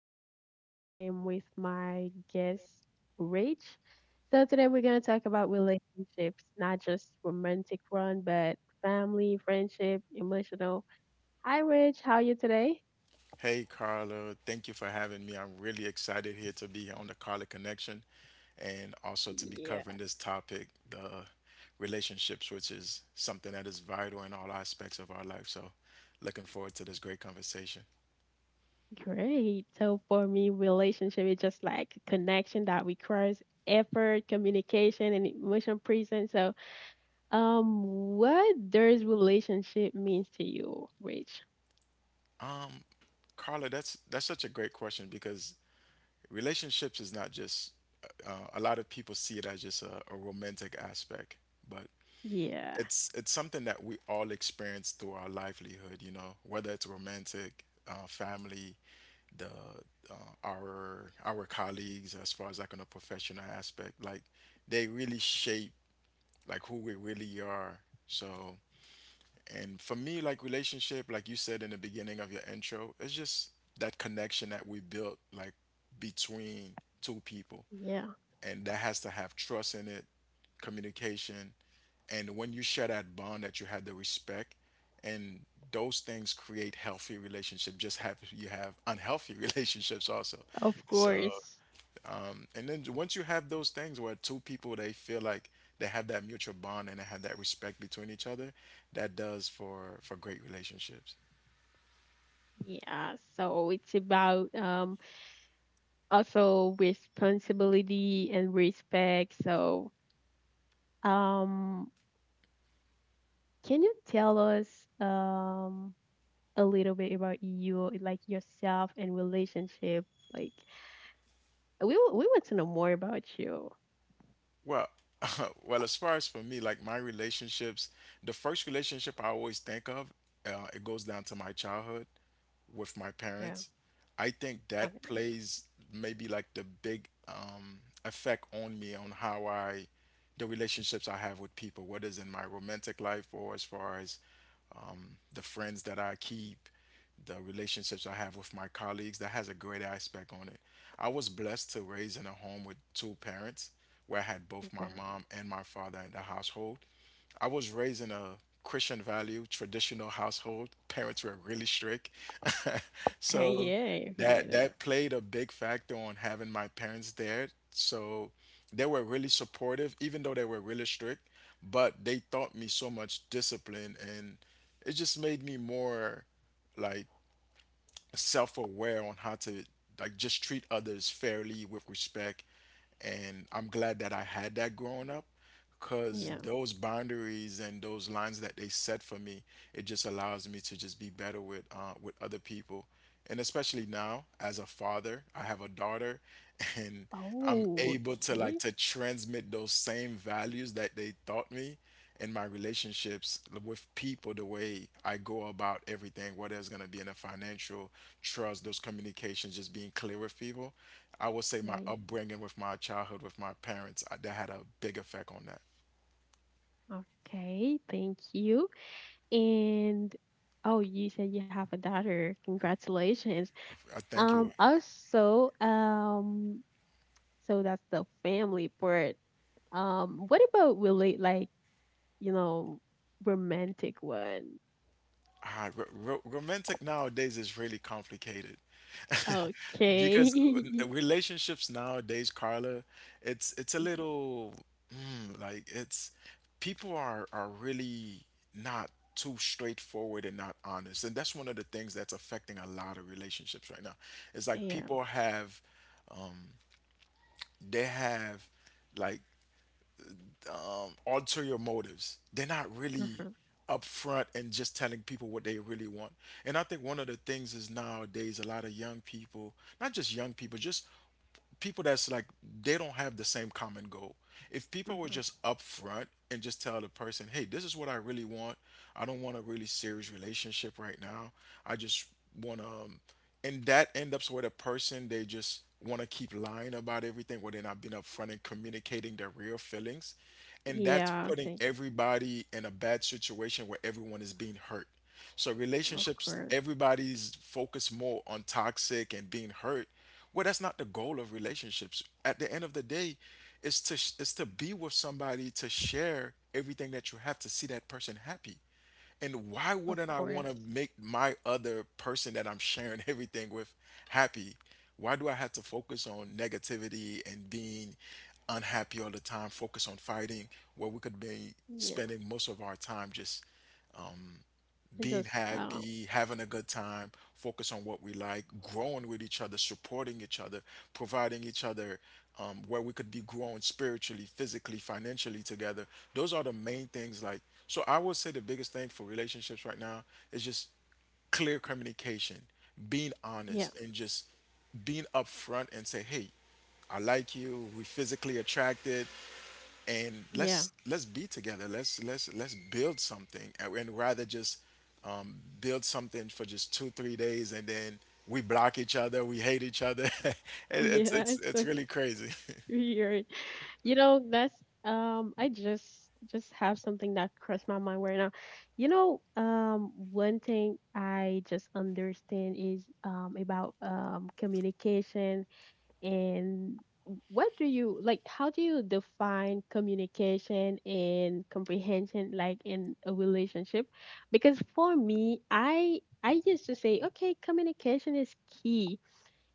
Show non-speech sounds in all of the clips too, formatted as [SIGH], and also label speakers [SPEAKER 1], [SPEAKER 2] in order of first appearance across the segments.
[SPEAKER 1] Carla and I am with my guest Rich. So today we're going to talk about relationships, not just romantic one, but family, friendship, emotional. Hi Rich, how are you today?
[SPEAKER 2] Hey, Carla. Thank you for having me. I'm really excited here to be on the Carla Connection and also to be
[SPEAKER 1] Yeah.
[SPEAKER 2] covering this topic, the relationships, which is something that is vital in all aspects of our life. So, looking forward to this great conversation.
[SPEAKER 1] Great. So for me, relationship is just like a connection that requires effort, communication, and emotional presence. So, um, what does relationship means to you, Rich?
[SPEAKER 2] Um, Carla, that's such a great question because relationships is not just a lot of people see it as just a romantic aspect, but
[SPEAKER 1] Yeah.
[SPEAKER 2] it's something that we all experience through our livelihood. You know, whether it's romantic, family, the uh, our colleagues as far as like on a professional aspect like they really shape like who we really are, so and for me like relationship, like you said in the beginning of your intro, it's just that connection that we built like between two people,
[SPEAKER 1] Yeah.
[SPEAKER 2] and that has to have trust in it, communication, and when you share that bond, that you have the respect, and those things create healthy relationships. Just have you have unhealthy [LAUGHS] relationships also.
[SPEAKER 1] Of
[SPEAKER 2] So,
[SPEAKER 1] course.
[SPEAKER 2] and then once you have those things where two people they feel like they have that mutual bond and they have that respect between each other, that does for great relationships.
[SPEAKER 1] Yeah, so it's about also responsibility and respect. So, um can you tell us um a little bit about you, like yourself and relationship? Like we want to know more about you.
[SPEAKER 2] Well, [LAUGHS] well, as far as for me, like my relationships, the first relationship I always think of, it goes down to my childhood. With my
[SPEAKER 1] Yeah.
[SPEAKER 2] parents, I think that
[SPEAKER 1] Okay.
[SPEAKER 2] plays maybe like the big effect on me on how I, the relationships I have with people, whether it's in my romantic life or as far as the friends that I keep, the relationships I have with my colleagues, that has a great aspect on it. I was blessed to raise in a home with two parents where I had both
[SPEAKER 1] Okay.
[SPEAKER 2] my mom and my father in the household. I was raised in a Christian value, traditional household. Parents were really strict. [LAUGHS]
[SPEAKER 1] Okay.
[SPEAKER 2] So
[SPEAKER 1] Yeah, you know
[SPEAKER 2] that
[SPEAKER 1] that.
[SPEAKER 2] that played a big factor on having my parents there. So they were really supportive, even though they were really strict, but they taught me so much discipline, and it just made me more like self-aware on how to like just treat others fairly with respect, and I'm glad that I had that growing up because
[SPEAKER 1] Yeah.
[SPEAKER 2] those boundaries and those lines that they set for me, it just allows me to just be better with other people, and especially now as a father I have a daughter [LAUGHS] and I'm
[SPEAKER 1] Oh,
[SPEAKER 2] able to like
[SPEAKER 1] okay.
[SPEAKER 2] to transmit those same values that they taught me in my relationships with people, the way I go about everything, whether it's going to be in a financial trust, those communications, just being clear with people. I would say my
[SPEAKER 1] Nice.
[SPEAKER 2] upbringing with my childhood with my parents, that had a big effect on that.
[SPEAKER 1] Okay. Thank you. And oh, you said you have a daughter. Congratulations.
[SPEAKER 2] I thank you.
[SPEAKER 1] Also, so that's the family part. What about relate like, you know, romantic one?
[SPEAKER 2] Ah, ro ro romantic nowadays is really complicated. [LAUGHS] Because
[SPEAKER 1] Okay.
[SPEAKER 2] relationships nowadays, Carla, it's
[SPEAKER 1] [LAUGHS]
[SPEAKER 2] a
[SPEAKER 1] Y-
[SPEAKER 2] little it's people are really not too straightforward and not honest, and that's one of the things that's affecting a lot of relationships right now. It's like
[SPEAKER 1] Yeah.
[SPEAKER 2] people have they have like ulterior motives. They're not really
[SPEAKER 1] Uh-huh.
[SPEAKER 2] upfront and just telling people what they really want. And I think one of the things is nowadays a lot of young people, not just young people, just people that's like they don't have the same common goal. If people were
[SPEAKER 1] Uh-huh.
[SPEAKER 2] just upfront and just tell the person, "Hey, this is what I really want. I don't want a really serious relationship right now. I just want to, and that end up where the person they just want to keep lying about everything, where they're not being upfront and communicating their real feelings, and that's
[SPEAKER 1] Yeah,
[SPEAKER 2] putting
[SPEAKER 1] thank
[SPEAKER 2] everybody in a bad situation where everyone is being hurt. So
[SPEAKER 1] Of
[SPEAKER 2] relationships,
[SPEAKER 1] course.
[SPEAKER 2] everybody's focused more on toxic and being hurt. Well, that's not the goal of relationships. At the end of the day, is to be with somebody to share everything that you have to see that person happy. And why
[SPEAKER 1] Of
[SPEAKER 2] wouldn't I want to
[SPEAKER 1] course.
[SPEAKER 2] make my other person that I'm sharing [LAUGHS] everything with happy? Why do I have to focus on negativity and being unhappy all the time? Focus on fighting where we could be
[SPEAKER 1] Yeah.
[SPEAKER 2] spending most of our time just
[SPEAKER 1] I
[SPEAKER 2] being
[SPEAKER 1] just
[SPEAKER 2] happy, having a good time, focus on what we like, growing with each other, supporting each other, providing each other, where we could be growing spiritually, physically, financially together. Those are the main things. Like, so I would say the biggest thing for relationships right now is just clear communication, being
[SPEAKER 1] Yeah,
[SPEAKER 2] honest, and just being upfront and say, hey, I like you. We physically attracted and
[SPEAKER 1] yeah.
[SPEAKER 2] let's be together. Let's build something, and rather just um, build something for just 2-3 days, and then we block each other, we hate each other. [LAUGHS] It- it's
[SPEAKER 1] Yeah, [LAUGHS]
[SPEAKER 2] it's
[SPEAKER 1] it's
[SPEAKER 2] it's
[SPEAKER 1] so
[SPEAKER 2] really crazy.
[SPEAKER 1] weird. You know, that's I just have something that crossed my mind right now. You know, one thing I just understand is about communication and what do you like how do you define communication and comprehension like in a relationship? Because for me, I used to say, okay, communication is key.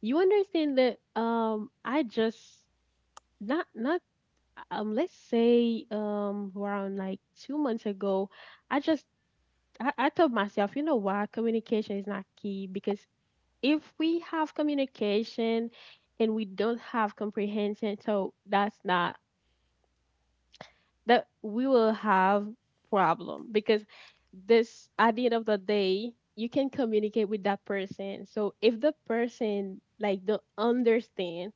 [SPEAKER 1] You understand that I just not not let's say around like 2 months ago i just I told myself you know what communication is not key because if we have communication and we don't have comprehension, so that's not that we will have problem, because this at the end of the day you can communicate with that person, so if the person like don't understand,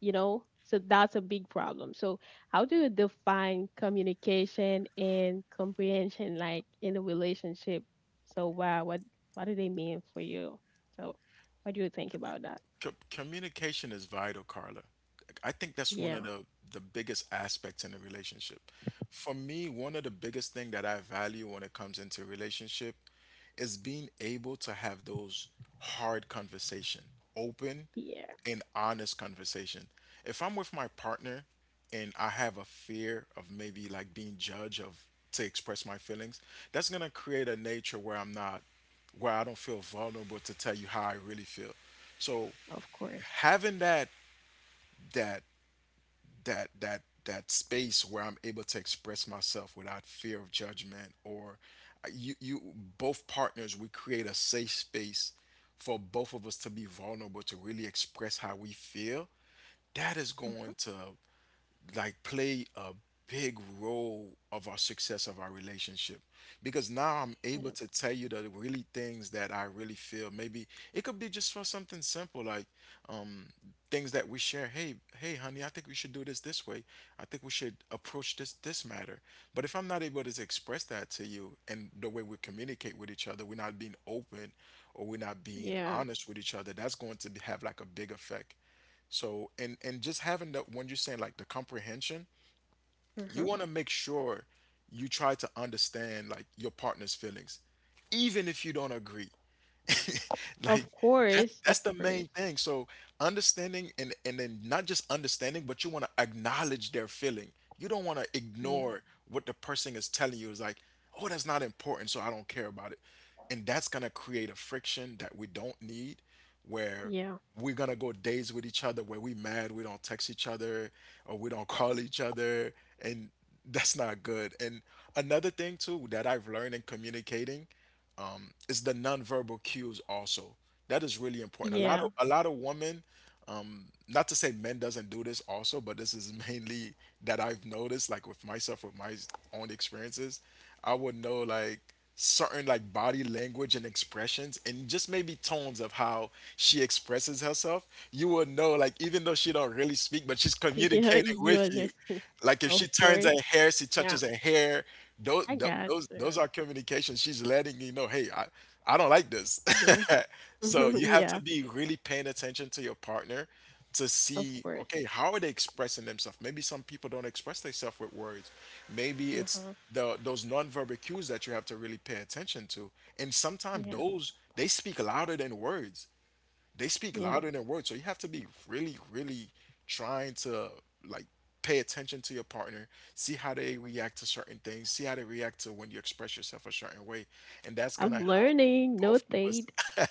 [SPEAKER 1] you know, so that's a big problem. So how do you define communication and comprehension like in a relationship? so wow what what do they mean for you, so what do you think about that?
[SPEAKER 2] Communication is vital, Carla. I think that's one of
[SPEAKER 1] Yeah.
[SPEAKER 2] the biggest aspects in a relationship. For me, one of the biggest thing that I value when it comes into relationship is being able to have those hard conversation, open
[SPEAKER 1] Yeah.
[SPEAKER 2] and honest conversation. If I'm with my partner and I have a fear of maybe like being judged of to express my feelings, that's gonna create a nature where I'm not where I don't feel vulnerable to tell you how I really feel. So
[SPEAKER 1] Of course.
[SPEAKER 2] having that that space where I'm able to express myself without fear of judgment or you you both partners we create a safe space for both of us to be vulnerable to really express how we feel, that is going
[SPEAKER 1] Hmm.
[SPEAKER 2] to like play a big role of our success of our relationship because now I'm able
[SPEAKER 1] Yeah.
[SPEAKER 2] to tell you the really things that I really feel. Maybe it could be just for something simple like um things that we share. Hey, honey, I think we should do this this way. I think we should approach this this matter, but if I'm not able to express that to you and the way we communicate with each other, we're not being open, or we're not being
[SPEAKER 1] Yeah.
[SPEAKER 2] honest with each other, that's going to be, have like a big effect. So and just having the when you're saying like the comprehension, you
[SPEAKER 1] Hmm.
[SPEAKER 2] want to make sure you try to understand like your partner's feelings, even if you don't agree. [LAUGHS] Like
[SPEAKER 1] Of course, of
[SPEAKER 2] that's the
[SPEAKER 1] course.
[SPEAKER 2] main thing. So understanding, and then not just understanding, but you want to acknowledge their feeling. You don't want to
[SPEAKER 1] Yeah.
[SPEAKER 2] ignore what the person is telling you. It's like, oh, that's not important, so I don't care about it. And that's gonna create a friction that we don't need, where
[SPEAKER 1] Yeah.
[SPEAKER 2] we're gonna go days with each other where we mad, we don't text each other, or we don't [LAUGHS] call each other, and that's not good. And another thing too that I've learned in communicating is the nonverbal cues also. That is really important. A lot of
[SPEAKER 1] Yeah.
[SPEAKER 2] women, not to say men doesn't do this also, but this is [LAUGHS] mainly that I've noticed, like with myself, with my own experiences, I would know like certain like body language and expressions and just maybe tones of how she expresses herself. You would know like, even though she don't really speak, but she's
[SPEAKER 1] [LAUGHS] Yeah,
[SPEAKER 2] communicating
[SPEAKER 1] you
[SPEAKER 2] with you
[SPEAKER 1] understand.
[SPEAKER 2] like if
[SPEAKER 1] Of
[SPEAKER 2] she turns
[SPEAKER 1] course.
[SPEAKER 2] her hair, she
[SPEAKER 1] Yeah.
[SPEAKER 2] touches her hair. Those
[SPEAKER 1] I got
[SPEAKER 2] those
[SPEAKER 1] you.
[SPEAKER 2] are communications. She's letting you know, hey, I don't like this.
[SPEAKER 1] Yeah.
[SPEAKER 2] [LAUGHS] So
[SPEAKER 1] [LAUGHS]
[SPEAKER 2] you have to
[SPEAKER 1] Yeah.
[SPEAKER 2] be really paying attention to your partner to
[SPEAKER 1] Of
[SPEAKER 2] see,
[SPEAKER 1] course.
[SPEAKER 2] okay, how are they expressing themselves? Maybe some people don't express themselves with words. Maybe it's
[SPEAKER 1] Hmm.
[SPEAKER 2] the those nonverbal cues that you have to really pay attention to. And sometimes
[SPEAKER 1] Yeah.
[SPEAKER 2] those they speak louder than words,
[SPEAKER 1] Yeah.
[SPEAKER 2] So you have to be really, really trying to like pay attention to your partner, see how they react to certain things, see how they react to when you express yourself a certain way. And that's
[SPEAKER 1] I'm
[SPEAKER 2] gonna help
[SPEAKER 1] learning,
[SPEAKER 2] both of us.
[SPEAKER 1] notate.
[SPEAKER 2] [LAUGHS]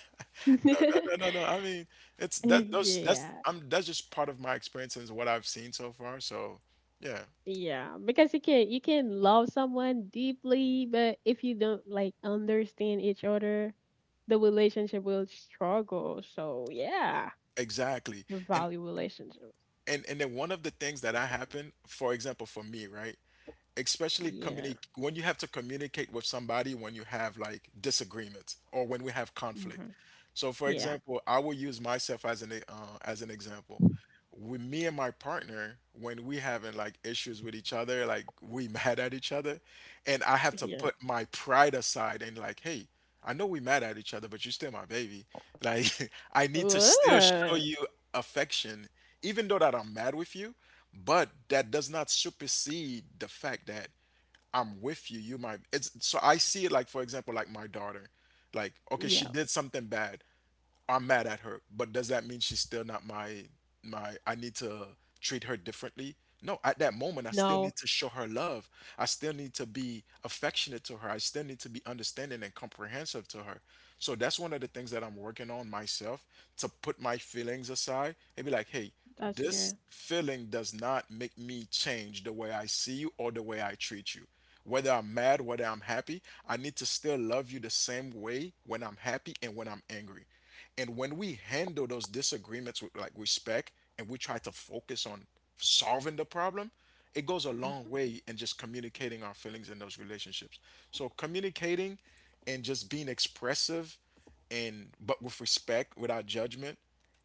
[SPEAKER 2] No, no, no,
[SPEAKER 1] [LAUGHS]
[SPEAKER 2] no, no. I mean, it's that those that's
[SPEAKER 1] Yeah.
[SPEAKER 2] I'm that's just part of my experience and what I've seen so far. So yeah.
[SPEAKER 1] Yeah, because you can love someone deeply, but if you don't like understand each other, the relationship will struggle. So yeah,
[SPEAKER 2] Exactly.
[SPEAKER 1] you
[SPEAKER 2] And
[SPEAKER 1] value relationships.
[SPEAKER 2] and then one of the things that I happen, for example, for me, right? Especially
[SPEAKER 1] Yeah.
[SPEAKER 2] communicate when you have to communicate with somebody when you have like disagreements or when we have conflict.
[SPEAKER 1] Hmm.
[SPEAKER 2] So, for
[SPEAKER 1] Yeah.
[SPEAKER 2] example, I will use myself as as an example with me and my partner when we having like issues with each other, like we [LAUGHS] mad at each other, and I have to
[SPEAKER 1] Yeah.
[SPEAKER 2] put my pride aside and like, hey, I know we mad at each other but you still my baby, like [LAUGHS] I need to still show
[SPEAKER 1] Ooh.
[SPEAKER 2] you affection even though that I'm mad with you, but that does not supersede the fact that I'm with you. You my— it's— so I see it like, for example, like my daughter. Like okay, she
[SPEAKER 1] Yeah.
[SPEAKER 2] did something bad. I'm mad at her, but does that mean she's still not my— my— I need to treat her differently? No, at that moment I still need
[SPEAKER 1] No,
[SPEAKER 2] to show her love. I still need to be affectionate to her. I still need to be understanding and comprehensive to her. So that's one of the things that I'm working on myself, to put my feelings aside and be like, "Hey,
[SPEAKER 1] that's
[SPEAKER 2] this
[SPEAKER 1] good.
[SPEAKER 2] feeling does not make me change the way I see you or the way I treat you." Whether I'm mad, whether I'm happy, I need to still love you the same way when I'm happy and when I'm angry. And when we handle those disagreements with like respect and we try to focus on solving the problem, it goes a long
[SPEAKER 1] Hmm.
[SPEAKER 2] way in just communicating our feelings in those relationships. So communicating and just being expressive and, but with respect, without judgment,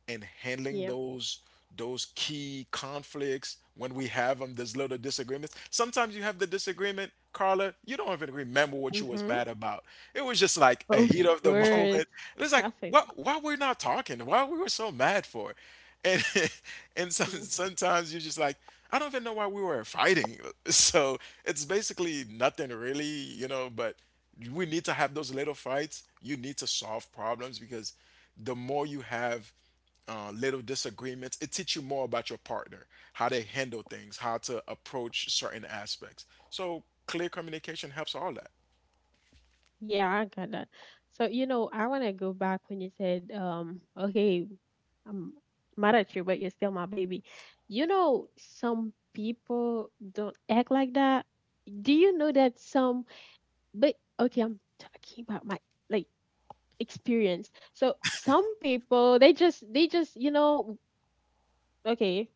[SPEAKER 2] and handling
[SPEAKER 1] Yeah.
[SPEAKER 2] those key conflicts when we have them, those little disagreements. Sometimes you have the disagreement, Carla, you don't even remember what you was
[SPEAKER 1] Hmm.
[SPEAKER 2] mad about. It was just like a
[SPEAKER 1] Of
[SPEAKER 2] heat of the [LAUGHS] moment.
[SPEAKER 1] course,
[SPEAKER 2] And
[SPEAKER 1] it's
[SPEAKER 2] it's like,
[SPEAKER 1] happened.
[SPEAKER 2] what, why we are not talking, why we were so mad for? And [LAUGHS] and sometimes you're just like, I don't even know why we were fighting. [LAUGHS] So it's basically nothing really, but we need to have those little fights. You need to solve problems, because the more you have little disagreements, it teaches you more about your partner, how they handle things, how to approach certain aspects. So clear communication helps all that.
[SPEAKER 1] Yeah, I got that. So, you know, I want to go back when you said, okay, I'm mad at you, but you're still my baby. You know, some people don't act like that. Do you know that some, but okay, I'm talking about my like experience. So some people, they just, you know, okay,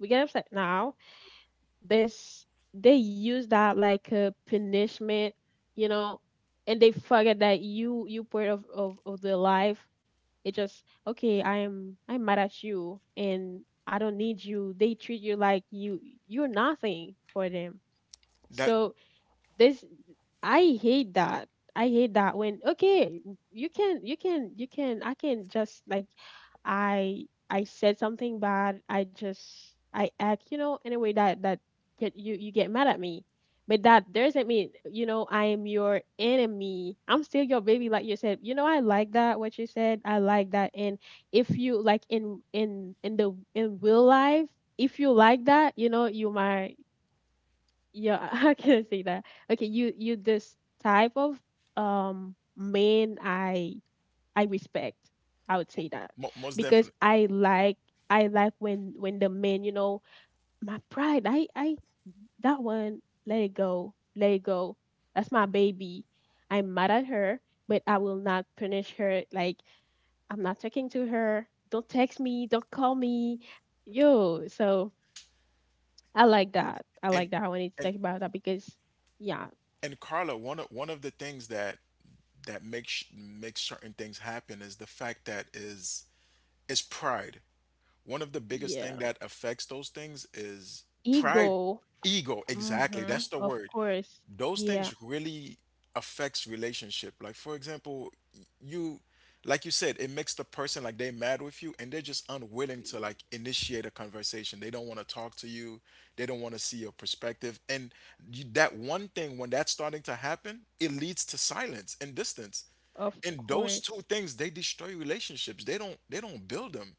[SPEAKER 1] we get upset now. This they use that like a punishment, you know, and they forget that you part of their life. It just okay, I'm mad at you and I don't need you. They treat you like you you're nothing for them.
[SPEAKER 2] That—
[SPEAKER 1] So this I hate that. I hate that when okay, you can I can just like I said something bad. I just I act, you know, in a way that that get you you get mad at me. But that doesn't mean, you know, I am your enemy. I'm still your baby, like you said. You know, I like that what you said. I like that. And if you like in the in real life, if you like that, you know, you might yeah, [LAUGHS] how can I say that? Okay, you this type of man I respect. I would say that
[SPEAKER 2] mo- most
[SPEAKER 1] because
[SPEAKER 2] definitely.
[SPEAKER 1] I like when the men, you know, my pride. I that one let it go, let it go. That's my baby. I'm mad at her, but I will not punish her. Like I'm not talking to her. Don't text me. Don't call me. Yo, so I like that. I
[SPEAKER 2] And
[SPEAKER 1] like that. I wanted to
[SPEAKER 2] and
[SPEAKER 1] talk about that because yeah,
[SPEAKER 2] and Carla, one of the things that that makes makes certain things happen is the fact that is pride. One of the biggest thing
[SPEAKER 1] yeah.
[SPEAKER 2] that affects those things is pride,
[SPEAKER 1] Ego.
[SPEAKER 2] ego. Exactly,
[SPEAKER 1] Mhm.
[SPEAKER 2] that's the
[SPEAKER 1] Of
[SPEAKER 2] word.
[SPEAKER 1] course.
[SPEAKER 2] Those things
[SPEAKER 1] Yeah.
[SPEAKER 2] really affects relationship. Like for example, you— like you said, it makes the person like they mad with you and they're just unwilling to like initiate a conversation. They don't want to talk to you, they don't want to see your perspective, and you, that one thing, when that's starting to happen, it leads to silence and distance,
[SPEAKER 1] Of
[SPEAKER 2] and those two
[SPEAKER 1] course.
[SPEAKER 2] things they destroy relationships, they don't— they don't build them.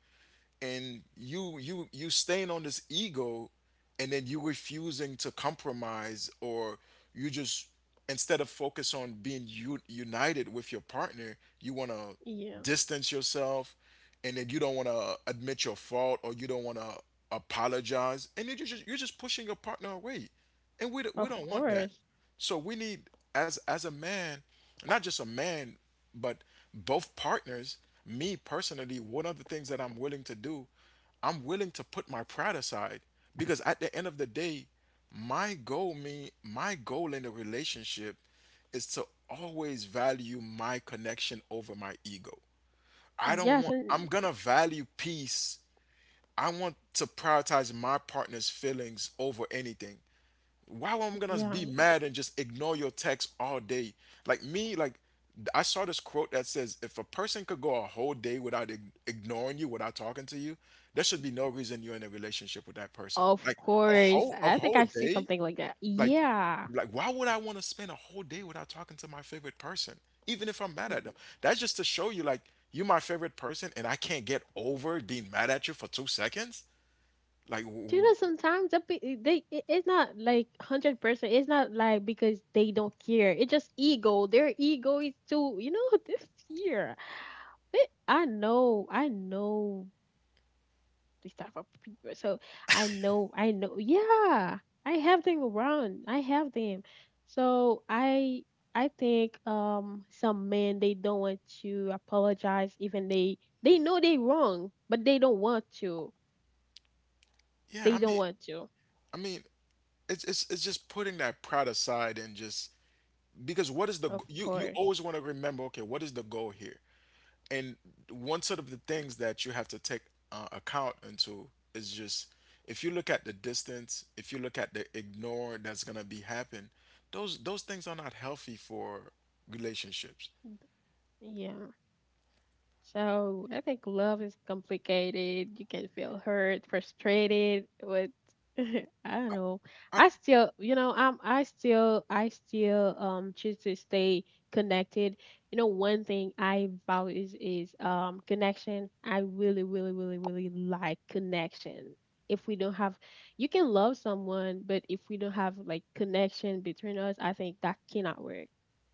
[SPEAKER 2] And you staying on this ego, and then you refusing to compromise, or you just, instead of focus on being u- united with your partner, you want to
[SPEAKER 1] Yeah,
[SPEAKER 2] distance yourself, and then you don't want to admit your fault, or you don't want to apologize, and then you just— you're just pushing your partner away, and we, do— we
[SPEAKER 1] of
[SPEAKER 2] don't want that.
[SPEAKER 1] course.
[SPEAKER 2] So we need, as a man, not just a man, but both partners, me personally, one of the things that I'm willing to do, I'm willing to put my pride aside, because at the end of the day, my goal— me— my goal in a relationship is to always value my connection over my ego. I don't
[SPEAKER 1] Yes,
[SPEAKER 2] want— I'm
[SPEAKER 1] and
[SPEAKER 2] gonna value peace. I want to prioritize my partner's feelings over anything. Why am I gonna
[SPEAKER 1] yeah,
[SPEAKER 2] be mad and just ignore your text all day? Like me, like I saw this quote that says, if a person could go a whole day without ig- ignoring you, without talking to you, there should be no reason you're in a relationship with that person.
[SPEAKER 1] of
[SPEAKER 2] Like a
[SPEAKER 1] course.
[SPEAKER 2] whole— a
[SPEAKER 1] I think
[SPEAKER 2] whole
[SPEAKER 1] I see
[SPEAKER 2] day,
[SPEAKER 1] something like that.
[SPEAKER 2] like
[SPEAKER 1] Yeah.
[SPEAKER 2] like why would I want to spend a whole day without talking to my favorite person? Even if I'm mad
[SPEAKER 1] Mm.
[SPEAKER 2] at them. That's just to show you, like, you my favorite person and I can't get over being mad at you for 2 seconds. Like w-
[SPEAKER 1] Do you
[SPEAKER 2] w-
[SPEAKER 1] know sometimes that be, it's not like 100%. It's not like because they don't care. It's just ego. Their ego is too, you know, [LAUGHS] this fear. But I know these type of people. So I know, yeah, I have them around. I have them. So I think some men they don't want to apologize, even they know they wrong, but they don't want to.
[SPEAKER 2] yeah,
[SPEAKER 1] They
[SPEAKER 2] I
[SPEAKER 1] don't
[SPEAKER 2] mean
[SPEAKER 1] want to.
[SPEAKER 2] I mean it's it's just putting that pride aside and just, because what is the g-
[SPEAKER 1] Of
[SPEAKER 2] you always
[SPEAKER 1] course,
[SPEAKER 2] want to remember, okay, what is the goal here? And one sort of the things that you have to take account into is just, if you look at the distance, if you look at the ignore that's gonna be happen, those things are not healthy for relationships.
[SPEAKER 1] yeah. So I think love is complicated. You can feel hurt, frustrated, with [LAUGHS] I don't know.
[SPEAKER 2] I,
[SPEAKER 1] I still, you know, I still choose to stay connected. You know, one thing I value is, connection. I really, really, really, really like connection. If we don't have you can love someone, but if we don't have like connection between us, I think that cannot work.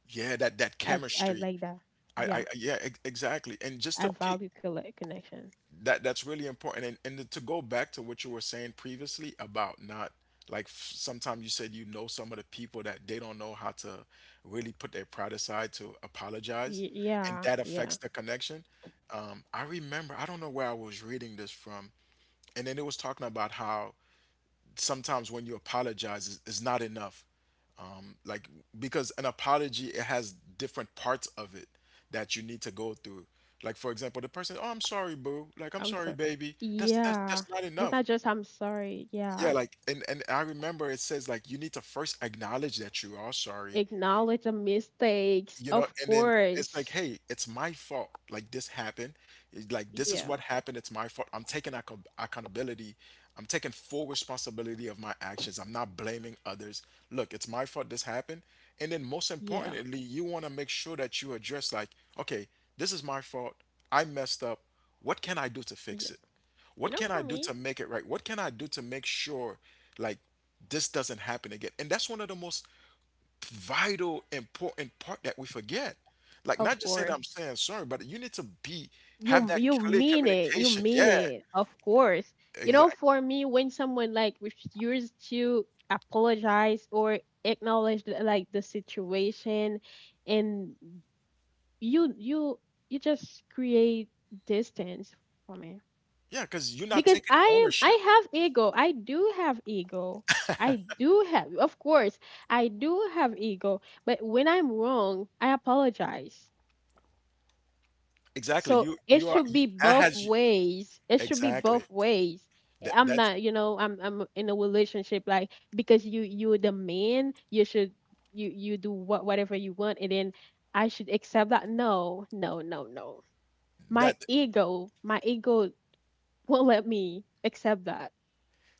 [SPEAKER 2] yeah, that that
[SPEAKER 1] I
[SPEAKER 2] chemistry.
[SPEAKER 1] like that.
[SPEAKER 2] I— I—
[SPEAKER 1] Yeah.
[SPEAKER 2] yeah, ex- exactly, and just
[SPEAKER 1] I
[SPEAKER 2] to pe-
[SPEAKER 1] value connection.
[SPEAKER 2] that that's really important, and to go back to what you were saying previously about not, like f- sometimes you said, you know, some of the people that they don't know how to really put their pride aside to apologize, and that
[SPEAKER 1] Yeah.
[SPEAKER 2] affects the connection. I remember, I don't know where I was reading this from, and then it was talking about how sometimes when you apologize is not enough. Like, because an apology, it has different parts of it that you need to go through. Like for example, the person, oh, I'm sorry, boo, like, I'm
[SPEAKER 1] I'm
[SPEAKER 2] sorry,
[SPEAKER 1] sorry.
[SPEAKER 2] baby, that's— that's—
[SPEAKER 1] Yeah.
[SPEAKER 2] that's not
[SPEAKER 1] It's
[SPEAKER 2] enough.
[SPEAKER 1] not just I'm sorry.
[SPEAKER 2] Yeah,
[SPEAKER 1] Yeah.
[SPEAKER 2] like, and I remember it says like, you need to first acknowledge that you are sorry.
[SPEAKER 1] Acknowledge the mistakes.
[SPEAKER 2] You know,
[SPEAKER 1] Of
[SPEAKER 2] and then it's like,
[SPEAKER 1] course.
[SPEAKER 2] hey, it's my fault, like this happened. It- like, this is
[SPEAKER 1] Yeah.
[SPEAKER 2] what happened. It's my fault, I'm taking acco- accountability, I'm taking full responsibility of my actions, I'm not blaming others. Look, it's my fault this happened. And then most
[SPEAKER 1] Yeah.
[SPEAKER 2] importantly, you want to make sure that you address, like, okay, this is my fault, I messed up, what can I do to
[SPEAKER 1] Yeah.
[SPEAKER 2] fix it,
[SPEAKER 1] You
[SPEAKER 2] what
[SPEAKER 1] know,
[SPEAKER 2] can
[SPEAKER 1] for
[SPEAKER 2] I do
[SPEAKER 1] me,
[SPEAKER 2] to make it right, what can I do to make sure, like, this doesn't happen again. And that's one of the most vital, important part that we forget. Like,
[SPEAKER 1] of
[SPEAKER 2] not just saying that I'm
[SPEAKER 1] course.
[SPEAKER 2] saying sorry, but you need to be— have
[SPEAKER 1] You
[SPEAKER 2] that
[SPEAKER 1] you
[SPEAKER 2] clear
[SPEAKER 1] mean it. You
[SPEAKER 2] communication.
[SPEAKER 1] mean
[SPEAKER 2] Yeah,
[SPEAKER 1] it. Of course. You know,
[SPEAKER 2] exactly.
[SPEAKER 1] for me, when someone like refuses to apologize or acknowledge like the situation and you you you just create distance for me.
[SPEAKER 2] Yeah, because you're not
[SPEAKER 1] Because
[SPEAKER 2] taking
[SPEAKER 1] I am I
[SPEAKER 2] ownership.
[SPEAKER 1] have ego. I do have ego. I do have of course I do have ego, but when I'm wrong, I apologize.
[SPEAKER 2] Exactly.
[SPEAKER 1] So
[SPEAKER 2] You—
[SPEAKER 1] it
[SPEAKER 2] you are—
[SPEAKER 1] should
[SPEAKER 2] you,
[SPEAKER 1] be
[SPEAKER 2] that
[SPEAKER 1] both
[SPEAKER 2] has you,
[SPEAKER 1] ways. It should be
[SPEAKER 2] exactly,
[SPEAKER 1] both ways.
[SPEAKER 2] that
[SPEAKER 1] I'm
[SPEAKER 2] that's
[SPEAKER 1] not, you know, I'm in a relationship like because you you're the man, you should you you do what whatever you want and then I should accept that. No, no, no, no.
[SPEAKER 2] that.
[SPEAKER 1] My ego won't let me accept that.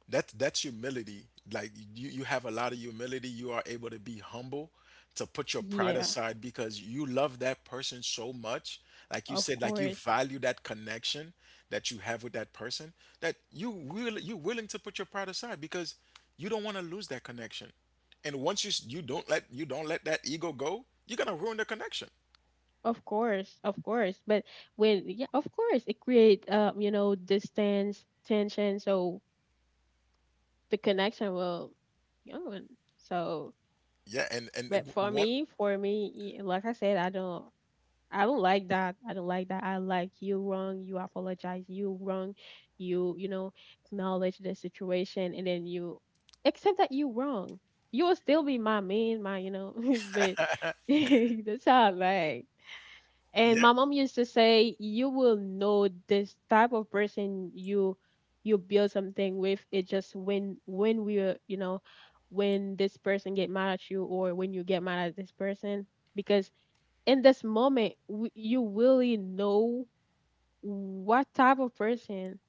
[SPEAKER 2] That that's humility. Like, you have a lot of humility. You are able to be humble, to put your pride
[SPEAKER 1] Yeah.
[SPEAKER 2] aside because you love that person so much. Like you
[SPEAKER 1] Of
[SPEAKER 2] said, like you
[SPEAKER 1] course.
[SPEAKER 2] value that connection that you have with that person, that you will— you're willing to put your pride aside because you don't want to lose that connection. And once you s- you don't let— you don't let that ego go, you're gonna ruin the connection.
[SPEAKER 1] Of course. Of course. But when yeah, of course it create you know, distance, tension, so the connection will go on. So
[SPEAKER 2] Yeah, and
[SPEAKER 1] but
[SPEAKER 2] what?
[SPEAKER 1] for me, like I said, I don't like that. I don't like that. I like you wrong, you apologize, you wrong, you know, acknowledge the situation and then you accept that you wrong. You will still be my man, my you know, [LAUGHS] but [LAUGHS] that's how I like. And
[SPEAKER 2] Yeah,
[SPEAKER 1] my mom used to say, "You will know this type of person you you build something with. It just when we are, you know, when this person get mad at you or when you get mad at this person, because in this moment w you really know what type of person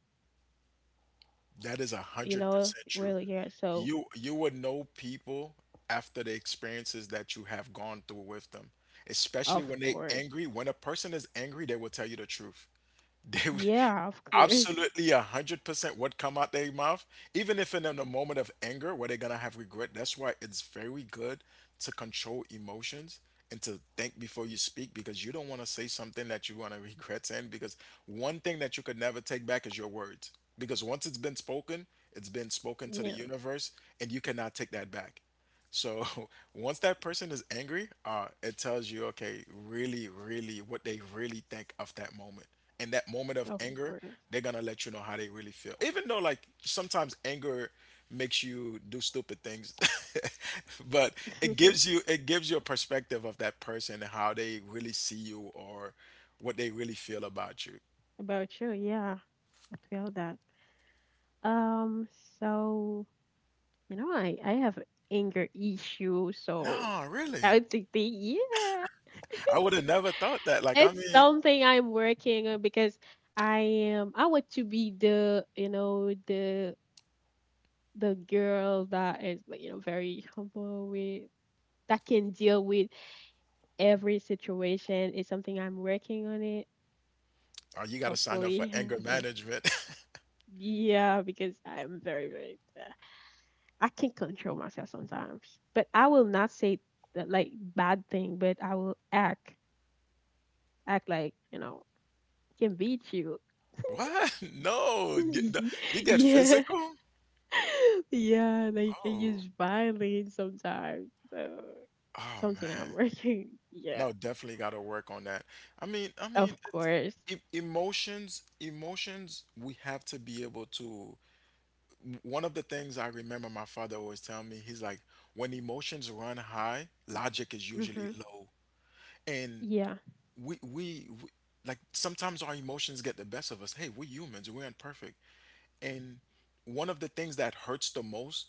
[SPEAKER 2] that is a
[SPEAKER 1] you
[SPEAKER 2] hundred
[SPEAKER 1] know
[SPEAKER 2] percent true.
[SPEAKER 1] really here. So
[SPEAKER 2] You— you would know people after the experiences that you have gone through with them. Especially
[SPEAKER 1] of
[SPEAKER 2] when they
[SPEAKER 1] course,
[SPEAKER 2] angry. When a person is angry, they will tell you the truth. [LAUGHS] They would-
[SPEAKER 1] yeah, of course,
[SPEAKER 2] absolutely, 100%. What come out their mouth, even if in a moment of anger, where they're gonna have regret. That's why it's very good to control emotions and to think before you speak, because you don't want to say something that you want to [LAUGHS] regret saying. Because one thing that you could never take back is your words. Because once it's been
[SPEAKER 1] [LAUGHS]
[SPEAKER 2] spoken to the
[SPEAKER 1] yeah,
[SPEAKER 2] universe, and you cannot take that back. So [LAUGHS] once that person is angry, it tells you, okay, really, really, what they really think of that moment. In that moment of
[SPEAKER 1] of
[SPEAKER 2] anger,
[SPEAKER 1] course.
[SPEAKER 2] they're gonna let you know how they really feel. Even though, like, sometimes anger makes you do stupid things, [LAUGHS] but it gives
[SPEAKER 1] [LAUGHS]
[SPEAKER 2] you— it gives you a perspective of that person and how they really see you, or what they really feel about you.
[SPEAKER 1] About you, yeah, I feel that. Um, so you know, I have anger issue, so
[SPEAKER 2] No,
[SPEAKER 1] I
[SPEAKER 2] really,
[SPEAKER 1] would think yeah,
[SPEAKER 2] I would have never thought that. Like, I
[SPEAKER 1] it's
[SPEAKER 2] mean,
[SPEAKER 1] something I'm working on because I am I want to be the you know the girl that is like you know very humble with that can deal with every situation. It's something I'm working on it.
[SPEAKER 2] oh, you got to sign up for
[SPEAKER 1] Hopefully, [LAUGHS]
[SPEAKER 2] anger management. [LAUGHS]
[SPEAKER 1] yeah, because I'm very very I can control myself sometimes, but I will not say that like bad thing, but I will act like you know can beat you.
[SPEAKER 2] What? [LAUGHS] No, you, the-
[SPEAKER 1] [LAUGHS]
[SPEAKER 2] you get
[SPEAKER 1] Yeah,
[SPEAKER 2] physical?
[SPEAKER 1] [LAUGHS] yeah, they can
[SPEAKER 2] Oh,
[SPEAKER 1] use violence sometimes. So
[SPEAKER 2] oh
[SPEAKER 1] something I'm
[SPEAKER 2] man.
[SPEAKER 1] working. [LAUGHS] Yeah,
[SPEAKER 2] No, definitely got to work on that. I mean,
[SPEAKER 1] of
[SPEAKER 2] it's,
[SPEAKER 1] course.
[SPEAKER 2] e- emotions, emotions, we have to be able to. One of the things I remember my father always telling me, he's like, when emotions run high, logic is usually
[SPEAKER 1] Hmm.
[SPEAKER 2] low. And
[SPEAKER 1] Yeah,
[SPEAKER 2] we like sometimes our emotions get the best of us. Hey, we're humans, we're imperfect. And one of the things that hurts the most,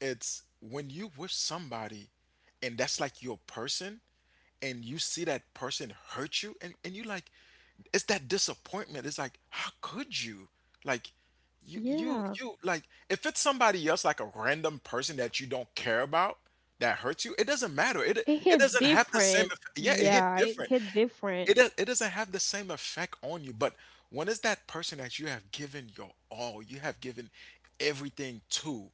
[SPEAKER 2] it's when you with somebody and that's like your person, and you see that person hurt you, and you like, it's that disappointment. It's like, how could you? Like, you you
[SPEAKER 1] yeah.
[SPEAKER 2] you like, if it's somebody else, like a random person that you don't care about, that hurts you, it doesn't matter. It—
[SPEAKER 1] It
[SPEAKER 2] it
[SPEAKER 1] hit
[SPEAKER 2] doesn't have the same
[SPEAKER 1] different.
[SPEAKER 2] effect. Yeah, it hit
[SPEAKER 1] Yeah, it
[SPEAKER 2] different.
[SPEAKER 1] hit different.
[SPEAKER 2] It does, it doesn't have the same effect on you, but when it's that person that you have given your all, you have given everything to,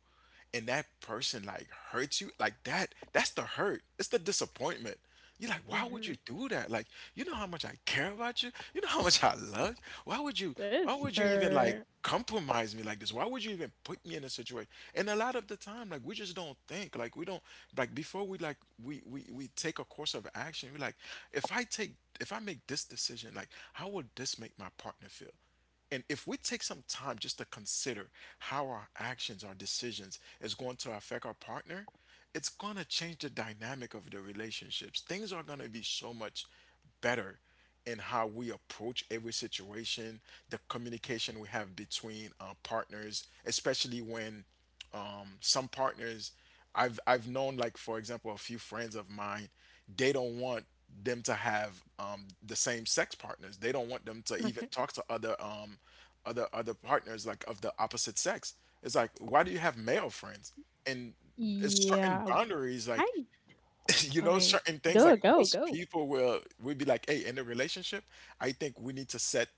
[SPEAKER 2] and that person like hurts you like that,'s the hurt, it's the disappointment. You're like, why would
[SPEAKER 1] Hmm.
[SPEAKER 2] you do that? Like, you know how much I care about you, you know how much I love you, why would you, why
[SPEAKER 1] That's
[SPEAKER 2] would you even like
[SPEAKER 1] her.
[SPEAKER 2] compromise me like this, why would you even put me in a situation? And a lot of the time, like, we just don't think, like, we don't, like before we like we take a course of action, we're like, if I take, if I make this decision, like, how would this make my partner feel? And if we take some time just to consider how our actions, our decisions is going to affect our partner, it's going to change the dynamic of the relationships. Things are going to be so much better in how we approach every situation, the communication we have between our partners, especially when some partners, I've known, like, for example, a few friends of mine, they don't want them to have the same sex partners, they don't want them to even
[SPEAKER 1] Okay.
[SPEAKER 2] talk to other other partners like of the opposite sex. It's like, why do you have male friends? And it's certain
[SPEAKER 1] Yeah.
[SPEAKER 2] boundaries, like,
[SPEAKER 1] I
[SPEAKER 2] [LAUGHS] you know,
[SPEAKER 1] okay.
[SPEAKER 2] certain things,
[SPEAKER 1] Go
[SPEAKER 2] like,
[SPEAKER 1] go
[SPEAKER 2] most
[SPEAKER 1] go.
[SPEAKER 2] people will would be like, hey, in a relationship, I think we need to set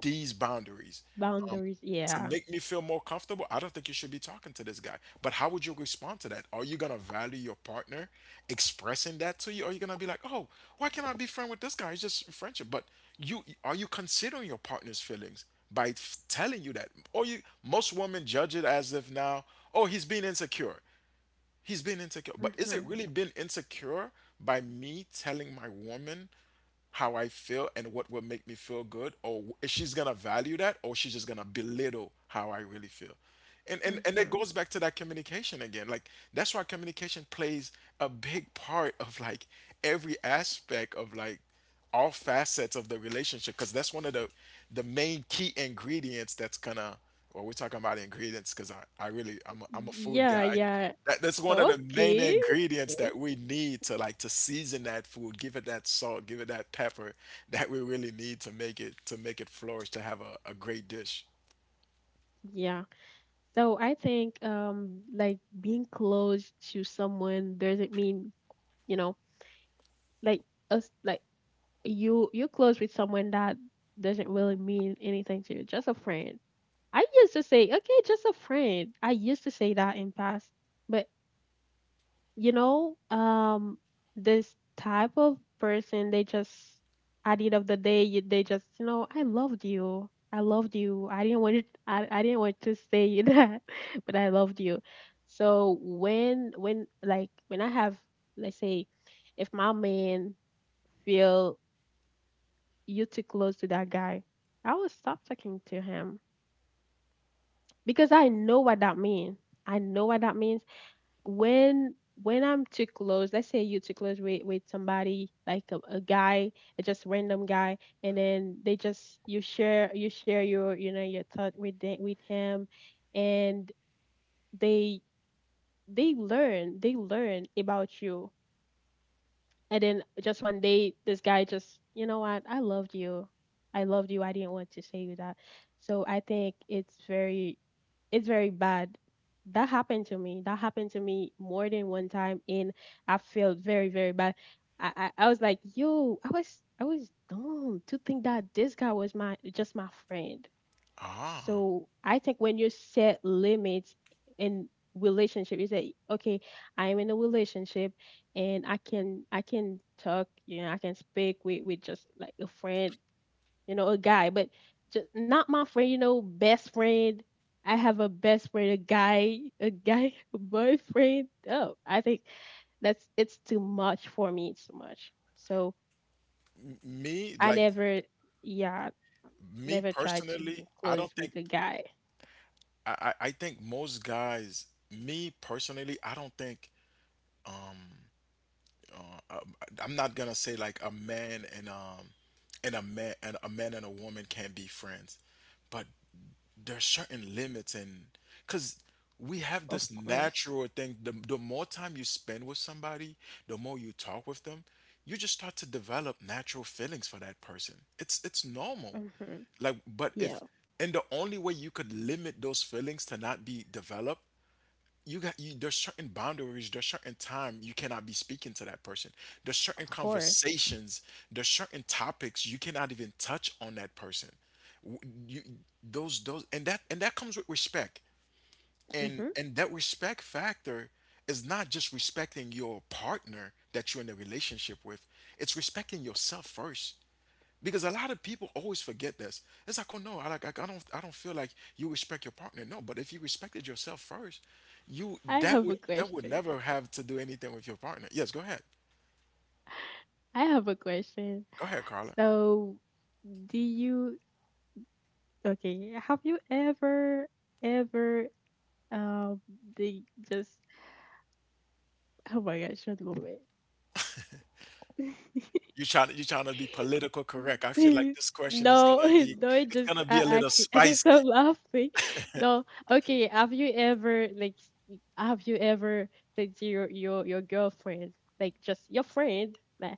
[SPEAKER 2] these boundaries
[SPEAKER 1] Boundaries.
[SPEAKER 2] to
[SPEAKER 1] Yeah.
[SPEAKER 2] make me feel more comfortable, I don't think you should be talking to this guy. But how would you respond to that? Are you gonna value your partner expressing that to you? Or are you gonna be like, oh, why can't I be friend with this guy? It's just friendship. But you, are you considering your partner's feelings by telling you that? Or you, most women judge it as if now, oh, he's being insecure. He's been insecure. But is
[SPEAKER 1] Mm-hmm.
[SPEAKER 2] it really been insecure by me telling my woman how I feel and what will make me feel good? Or is she's gonna value that, or she's just gonna belittle how I really feel? And it
[SPEAKER 1] Mm-hmm.
[SPEAKER 2] goes back to that communication again. Like, that's why communication plays a big part of, like, every aspect of, like, all facets of the relationship, because that's one of the main key ingredients that's gonna, well, we're talking about ingredients because I really, I'm a food
[SPEAKER 1] Yeah,
[SPEAKER 2] guy.
[SPEAKER 1] yeah.
[SPEAKER 2] That, that's one of the main
[SPEAKER 1] Okay.
[SPEAKER 2] ingredients that
[SPEAKER 1] Okay.
[SPEAKER 2] we need to, like, to season that food, give it that salt, give it that pepper that we really need to make it, to make it flourish to have a great dish.
[SPEAKER 1] Yeah. So I think like being close to someone doesn't mean, you know, like us like you you're close with someone that doesn't really mean anything to you, just a friend. I used to say, okay, just a friend. I used to say that in past, but you know, this type of person, they just, at the end of the day, they just, you know, I loved you. I loved you. I didn't want it, I didn't want to say you [LAUGHS] that, but I loved you. So like, when I have, let's say, if my man feel you too close to that guy, I will stop talking to him because I know what that means. I know what that means when when I'm too close. Let's say you're too close with somebody like a guy, a just random guy, and then they just you share your your thought with with him, and they they learn they learn about you, and then just one day this guy just, you know what, I loved you, I loved you, I didn't want to say you that. So I think it's very bad. That happened to me. That happened to me more than one time, and I felt very, very bad. I, I was like, yo, I was dumb to think that this guy was just my friend.
[SPEAKER 2] Ah.
[SPEAKER 1] So I think when you set limits in relationship, you say, okay, I am in a relationship, and I can talk, you know, I can speak with, just like a friend, you know, a guy, but just not my friend, you know, best friend. I have a best friend, a guy [LAUGHS] boyfriend. Oh, I think that's it's too much for me. It's too much. So
[SPEAKER 2] M- me
[SPEAKER 1] I
[SPEAKER 2] like
[SPEAKER 1] never, yeah,
[SPEAKER 2] Me
[SPEAKER 1] never tried to be
[SPEAKER 2] personally, I
[SPEAKER 1] close
[SPEAKER 2] don't
[SPEAKER 1] with
[SPEAKER 2] think,
[SPEAKER 1] a guy.
[SPEAKER 2] I think most guys, me personally, I don't think, um, I'm not gonna say like a man and a man and a woman can't be friends, but there's certain limits, and because we have
[SPEAKER 1] Of
[SPEAKER 2] this
[SPEAKER 1] course.
[SPEAKER 2] natural thing, the more time you spend with somebody, the more you talk with them, you just start to develop natural feelings for that person. It's normal.
[SPEAKER 1] Hmm.
[SPEAKER 2] Like, but
[SPEAKER 1] Yeah,
[SPEAKER 2] if, and the only way you could limit those feelings to not be developed, you got, you, there's certain boundaries, there's certain time you cannot be speaking to that person, there's certain
[SPEAKER 1] of course.
[SPEAKER 2] conversations, there's certain topics you cannot even touch on that person. W- you, those, and that, and that comes with respect. and
[SPEAKER 1] Hmm.
[SPEAKER 2] and that respect factor is not just respecting your partner that you're in a relationship with, it's respecting yourself first, because a lot of people always forget this. It's like, oh no, I like, I don't, I don't feel like you respect your partner. No, but if you respected yourself first, you,
[SPEAKER 1] I
[SPEAKER 2] that
[SPEAKER 1] have
[SPEAKER 2] would,
[SPEAKER 1] a
[SPEAKER 2] that would
[SPEAKER 1] question.
[SPEAKER 2] never have to do anything with your partner. Yes, go ahead.
[SPEAKER 1] I have a question.
[SPEAKER 2] Go ahead, Carla.
[SPEAKER 1] So, do you, okay, have you ever, ever Um, they just oh my gosh, one moment.
[SPEAKER 2] You trying to, you trying to be political correct.
[SPEAKER 1] [LAUGHS]
[SPEAKER 2] I feel like
[SPEAKER 1] No,
[SPEAKER 2] this
[SPEAKER 1] [LAUGHS]
[SPEAKER 2] question is
[SPEAKER 1] no,
[SPEAKER 2] gonna be,
[SPEAKER 1] it
[SPEAKER 2] it's
[SPEAKER 1] just
[SPEAKER 2] gonna be a
[SPEAKER 1] I
[SPEAKER 2] little
[SPEAKER 1] can't, I can stop
[SPEAKER 2] spicy.
[SPEAKER 1] laughing. [LAUGHS] No, okay. Have you ever like have you ever said to your your girlfriend, like just your friend, like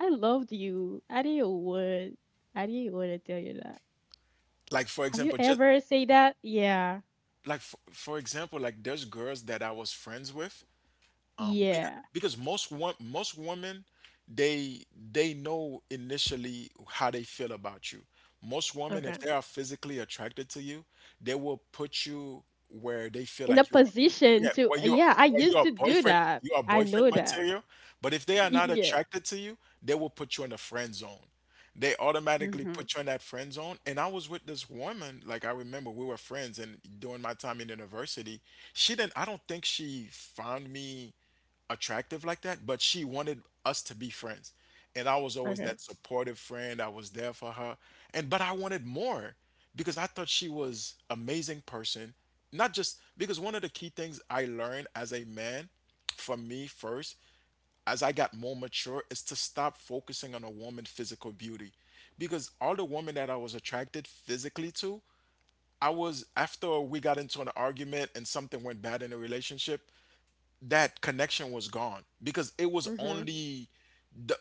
[SPEAKER 1] I loved you. I didn't want to tell you that.
[SPEAKER 2] Like, for
[SPEAKER 1] Have you
[SPEAKER 2] example, just,
[SPEAKER 1] ever say that? Yeah,
[SPEAKER 2] like, for example, like, there's girls that I was friends with,
[SPEAKER 1] yeah.
[SPEAKER 2] because most most women, they they know initially how they feel about you. Most women, if
[SPEAKER 1] Okay.
[SPEAKER 2] they are physically attracted to you, they will put you where they feel
[SPEAKER 1] In a
[SPEAKER 2] like you are,
[SPEAKER 1] position
[SPEAKER 2] yeah,
[SPEAKER 1] to, yeah, I
[SPEAKER 2] where you
[SPEAKER 1] used
[SPEAKER 2] are
[SPEAKER 1] to do
[SPEAKER 2] boyfriend,
[SPEAKER 1] that.
[SPEAKER 2] you are
[SPEAKER 1] I
[SPEAKER 2] boyfriend
[SPEAKER 1] know that.
[SPEAKER 2] material. But if they are not
[SPEAKER 1] Yeah.
[SPEAKER 2] attracted to you, they will put you in a friend zone, they automatically
[SPEAKER 1] Mhm.
[SPEAKER 2] put you in that friend zone. And I was with this woman, like, I remember we were friends, and during my time in university, she didn't. I don't think she found me attractive like that, but she wanted us to be friends. And I was always
[SPEAKER 1] Okay.
[SPEAKER 2] that supportive friend. I was there for her. And but I wanted more because I thought she was amazing person. Not just because, one of the key things I learned as a man, for me first, as I got more mature, is to stop focusing on a woman's physical beauty. Because all the women that I was attracted physically to, I was, after we got into an argument and something went bad in a relationship, that connection was gone because it was
[SPEAKER 1] Mhm.
[SPEAKER 2] only the,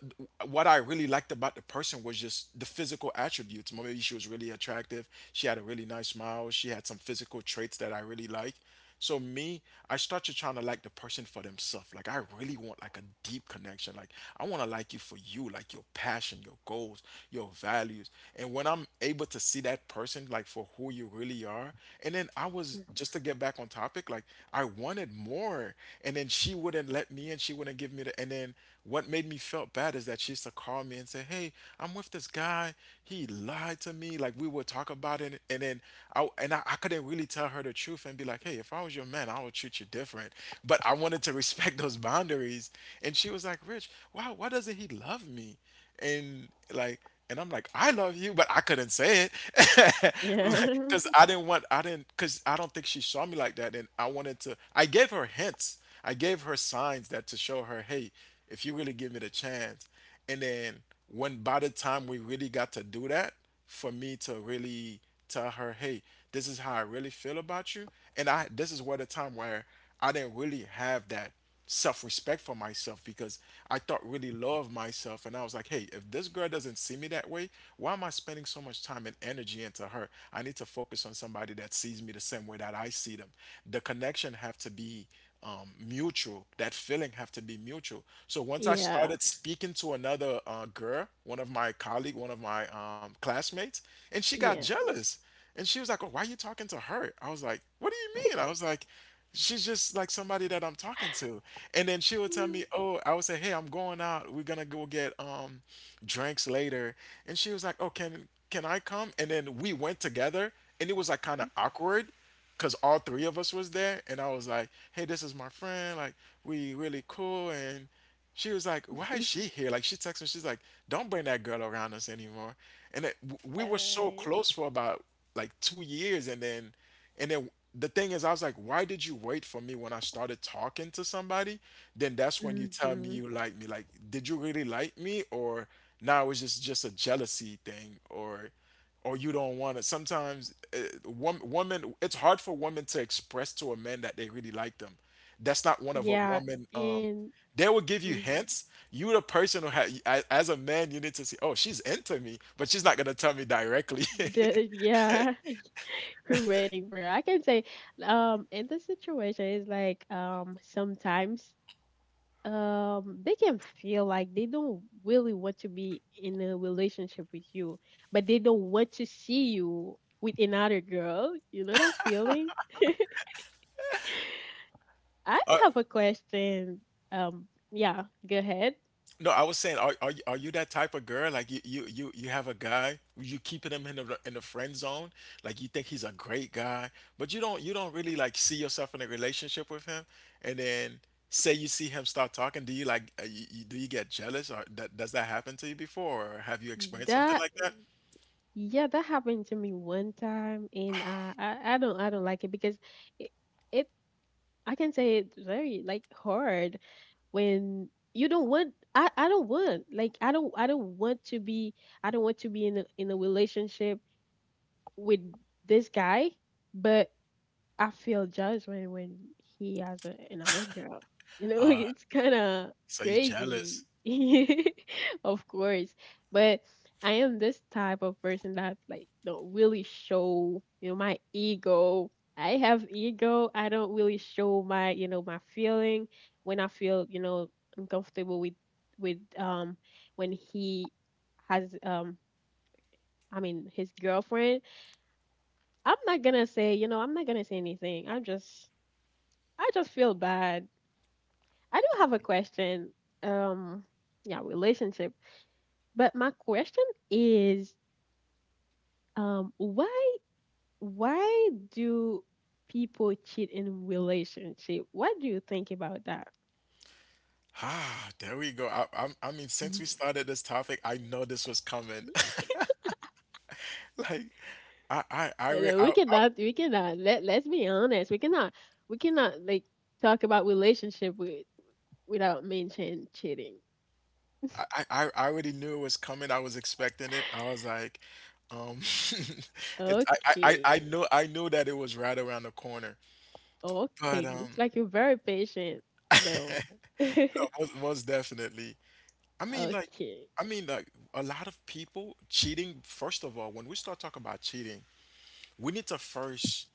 [SPEAKER 2] what I really liked about the person was just the physical attributes. Maybe she was really attractive. She had a really nice smile. She had some physical traits that I really like. So me, I started trying to like the person for themselves. Like, I really want like a deep connection. Like, I want to like you for you, like your passion, your goals, your values. And when I'm able to see that person like for who you really VR. And then I was, just to get back on topic, like, I wanted more. And then she wouldn't let me, and she wouldn't give me the, and then what made me felt bad is that she used to call me and say, "Hey, I'm with this guy. He lied to me." Like, we would talk about it. And then I couldn't really tell her the truth and be like, "Hey, if I was your man, I would treat you different." But I wanted to [LAUGHS] respect those boundaries. And she was like, "Rich, why doesn't he love me?" And like, and I'm like, I love you, but I couldn't say it. [LAUGHS] Like,
[SPEAKER 1] Yeah.
[SPEAKER 2] cause
[SPEAKER 1] [LAUGHS]
[SPEAKER 2] I didn't want, I didn't, cause I don't think she saw me like that. And I wanted to, I gave her hints. I gave her signs, that to show her, hey, if you really give me the chance. And then when, by the time we really got to do that, for me to really tell her, hey, this is how I really feel about you. And I, this is where the time where I didn't really have that self respect for myself, because I thought really low of myself. And I was like, hey, if this girl doesn't see me that way, why am I spending so much time and energy into her? I need to focus on somebody that sees me the same way that I see them. The connection have to be mutual. That feeling have to be mutual. So once I
[SPEAKER 1] Yeah.
[SPEAKER 2] started speaking to another girl, one of my colleague, one of my classmates, and she got
[SPEAKER 1] Yeah.
[SPEAKER 2] jealous. And she was like, "Oh, why are you talking to her?" I was like, "What do you mean?" I was like, "She's just like somebody that I'm talking to." And then she would tell
[SPEAKER 1] Mm.
[SPEAKER 2] me, "Oh," I would say, "Hey, I'm going out. We're going to go get drinks later." And she was like, "Oh, can I come?" And then we went together, and it was like kind of awkward because all three of us was there, and I was like, hey, this is my friend, like, we really cool. And she was like, why is she
[SPEAKER 1] [LAUGHS]
[SPEAKER 2] here? Like, she texted me, she's like, don't bring that girl around us anymore. And it, we were so
[SPEAKER 1] uh,
[SPEAKER 2] close for about like 2 years. And then, and then the thing is, I was like, why did you wait for me, when I started talking to somebody, then that's when you tell me
[SPEAKER 1] mhm.
[SPEAKER 2] you like me? Like, did you really like me, or now it's just a jealousy thing, or you don't want it. Sometimes woman, it's hard for women to express to a man that they really like them. That's not one of a
[SPEAKER 1] Yeah.
[SPEAKER 2] woman.
[SPEAKER 1] And
[SPEAKER 2] They will give you
[SPEAKER 1] mhm.
[SPEAKER 2] hints. You the person who, as a man, you need to see. Oh, she's into me, but she's not gonna tell me directly.
[SPEAKER 1] Yeah. [LAUGHS] We're waiting for. I can say, in the situation is like, sometimes, they can feel like they don't really want to be in a relationship with you, but they don't want to see you with another girl. You know that feeling? I
[SPEAKER 2] [LAUGHS]
[SPEAKER 1] have a question. Yeah, go ahead.
[SPEAKER 2] No, I was saying, are, are you that type of girl? Like, you you have a guy, you keeping him in the, in the friend zone. Like you think he's a great guy, but you don't really like see yourself in a relationship with him. And then say you see him start talking, do you like do you get jealous or that, does that happen to you before or have you experienced something
[SPEAKER 1] That,
[SPEAKER 2] like that?
[SPEAKER 1] yeah, that happened to me one time, and I don't I don't like it because it, it I can say it's very like hard when you don't want I don't want, like, I don't want to be I don't want to be in a relationship with this guy, but I feel jealous when he has a, another girl. You know, [LAUGHS]
[SPEAKER 2] Uh,
[SPEAKER 1] it's kind of
[SPEAKER 2] so you're
[SPEAKER 1] crazy.
[SPEAKER 2] jealous.
[SPEAKER 1] [LAUGHS] Of course, but I am this type of person that like don't really show, you know, my ego. I have ego. I don't really show my, you know, my feeling when I feel, you know, uncomfortable with with um when he has I mean his girlfriend. I'm not gonna say, you know, I'm not gonna say anything. I'm just I just feel bad. I do have a question. Um, yeah, relationship. But my question is, um, why why do people cheat in relationship? What do you think about that? [LAUGHS]
[SPEAKER 2] Ah, there we go. I mean, since we started this topic, I know this was coming. [LAUGHS] Like, I,
[SPEAKER 1] I
[SPEAKER 2] re
[SPEAKER 1] know, we cannot, let's be honest. We cannot like talk about relationship with, without mention cheating.
[SPEAKER 2] I already knew it was coming. I was expecting it. I was like, um, [LAUGHS] I I
[SPEAKER 1] Okay.
[SPEAKER 2] knew I knew that it was right around the corner. But
[SPEAKER 1] Okay. Looks like you're very patient though.
[SPEAKER 2] [LAUGHS]
[SPEAKER 1] [LAUGHS]
[SPEAKER 2] no, most definitely. I mean, like,
[SPEAKER 1] Okay.
[SPEAKER 2] I mean, like, a lot of people cheating. First of all, when we start talking about cheating, we need to first,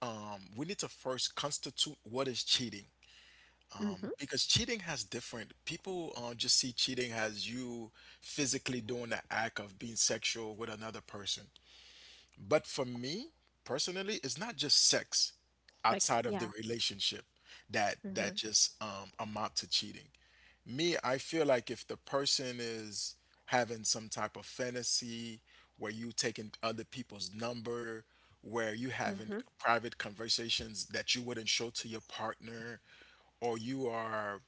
[SPEAKER 2] we need to first constitute what is cheating.
[SPEAKER 1] Mhm.
[SPEAKER 2] Because cheating has different people just see cheating as you physically doing the act of being sexual with another person. But for me personally, it's not just sex
[SPEAKER 1] Sex.
[SPEAKER 2] outside of the
[SPEAKER 1] Yeah.
[SPEAKER 2] relationship that that
[SPEAKER 1] Mhm.
[SPEAKER 2] just amount to cheating. Me, I feel like if the person is having some type of fantasy where you taking other people's number, where you having
[SPEAKER 1] Mhm.
[SPEAKER 2] private conversations that you wouldn't show to your partner, or you are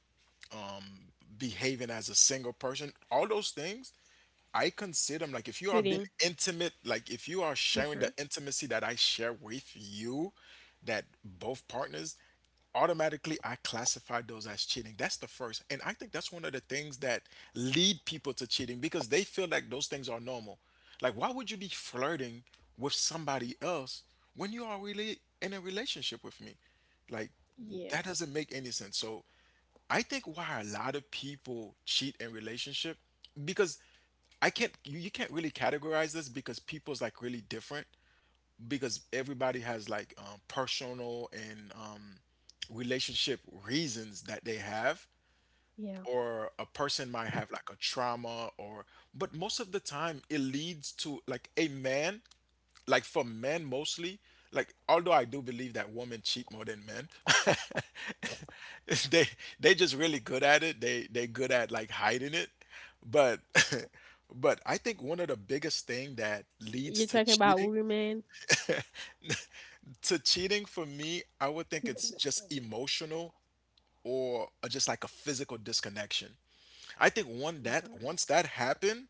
[SPEAKER 2] behaving as a single person, all those things, I consider them like if you are being
[SPEAKER 1] Cheating.
[SPEAKER 2] intimate, like if you are sharing the
[SPEAKER 1] Mhm.
[SPEAKER 2] intimacy that I share with you, that both partners, automatically I classify those as cheating. That's the first. And I think that's one of the things that lead people to cheating because they feel like those things are normal. Like, why would you be flirting with somebody else when you are really in a relationship with me? Like,
[SPEAKER 1] Yeah.
[SPEAKER 2] that doesn't make any sense. So, I think why a lot of people cheat in relationship because I can't you, you can't really categorize this because people's like really different because everybody has like personal and relationship reasons that they have
[SPEAKER 1] Yeah.
[SPEAKER 2] or a person might have like a trauma or but most of the time it leads to like a man, like for men mostly, like although I do believe that women cheat more than men. [LAUGHS] They just really good at it. They good at like hiding it. But [LAUGHS] but I think one of the biggest thing that leads
[SPEAKER 1] You're
[SPEAKER 2] to
[SPEAKER 1] talking about
[SPEAKER 2] cheating,
[SPEAKER 1] women.
[SPEAKER 2] [LAUGHS] to cheating for me, I would think it's just
[SPEAKER 1] [LAUGHS]
[SPEAKER 2] emotional, or just like a physical disconnection. I think one that
[SPEAKER 1] Mhm.
[SPEAKER 2] once that happened,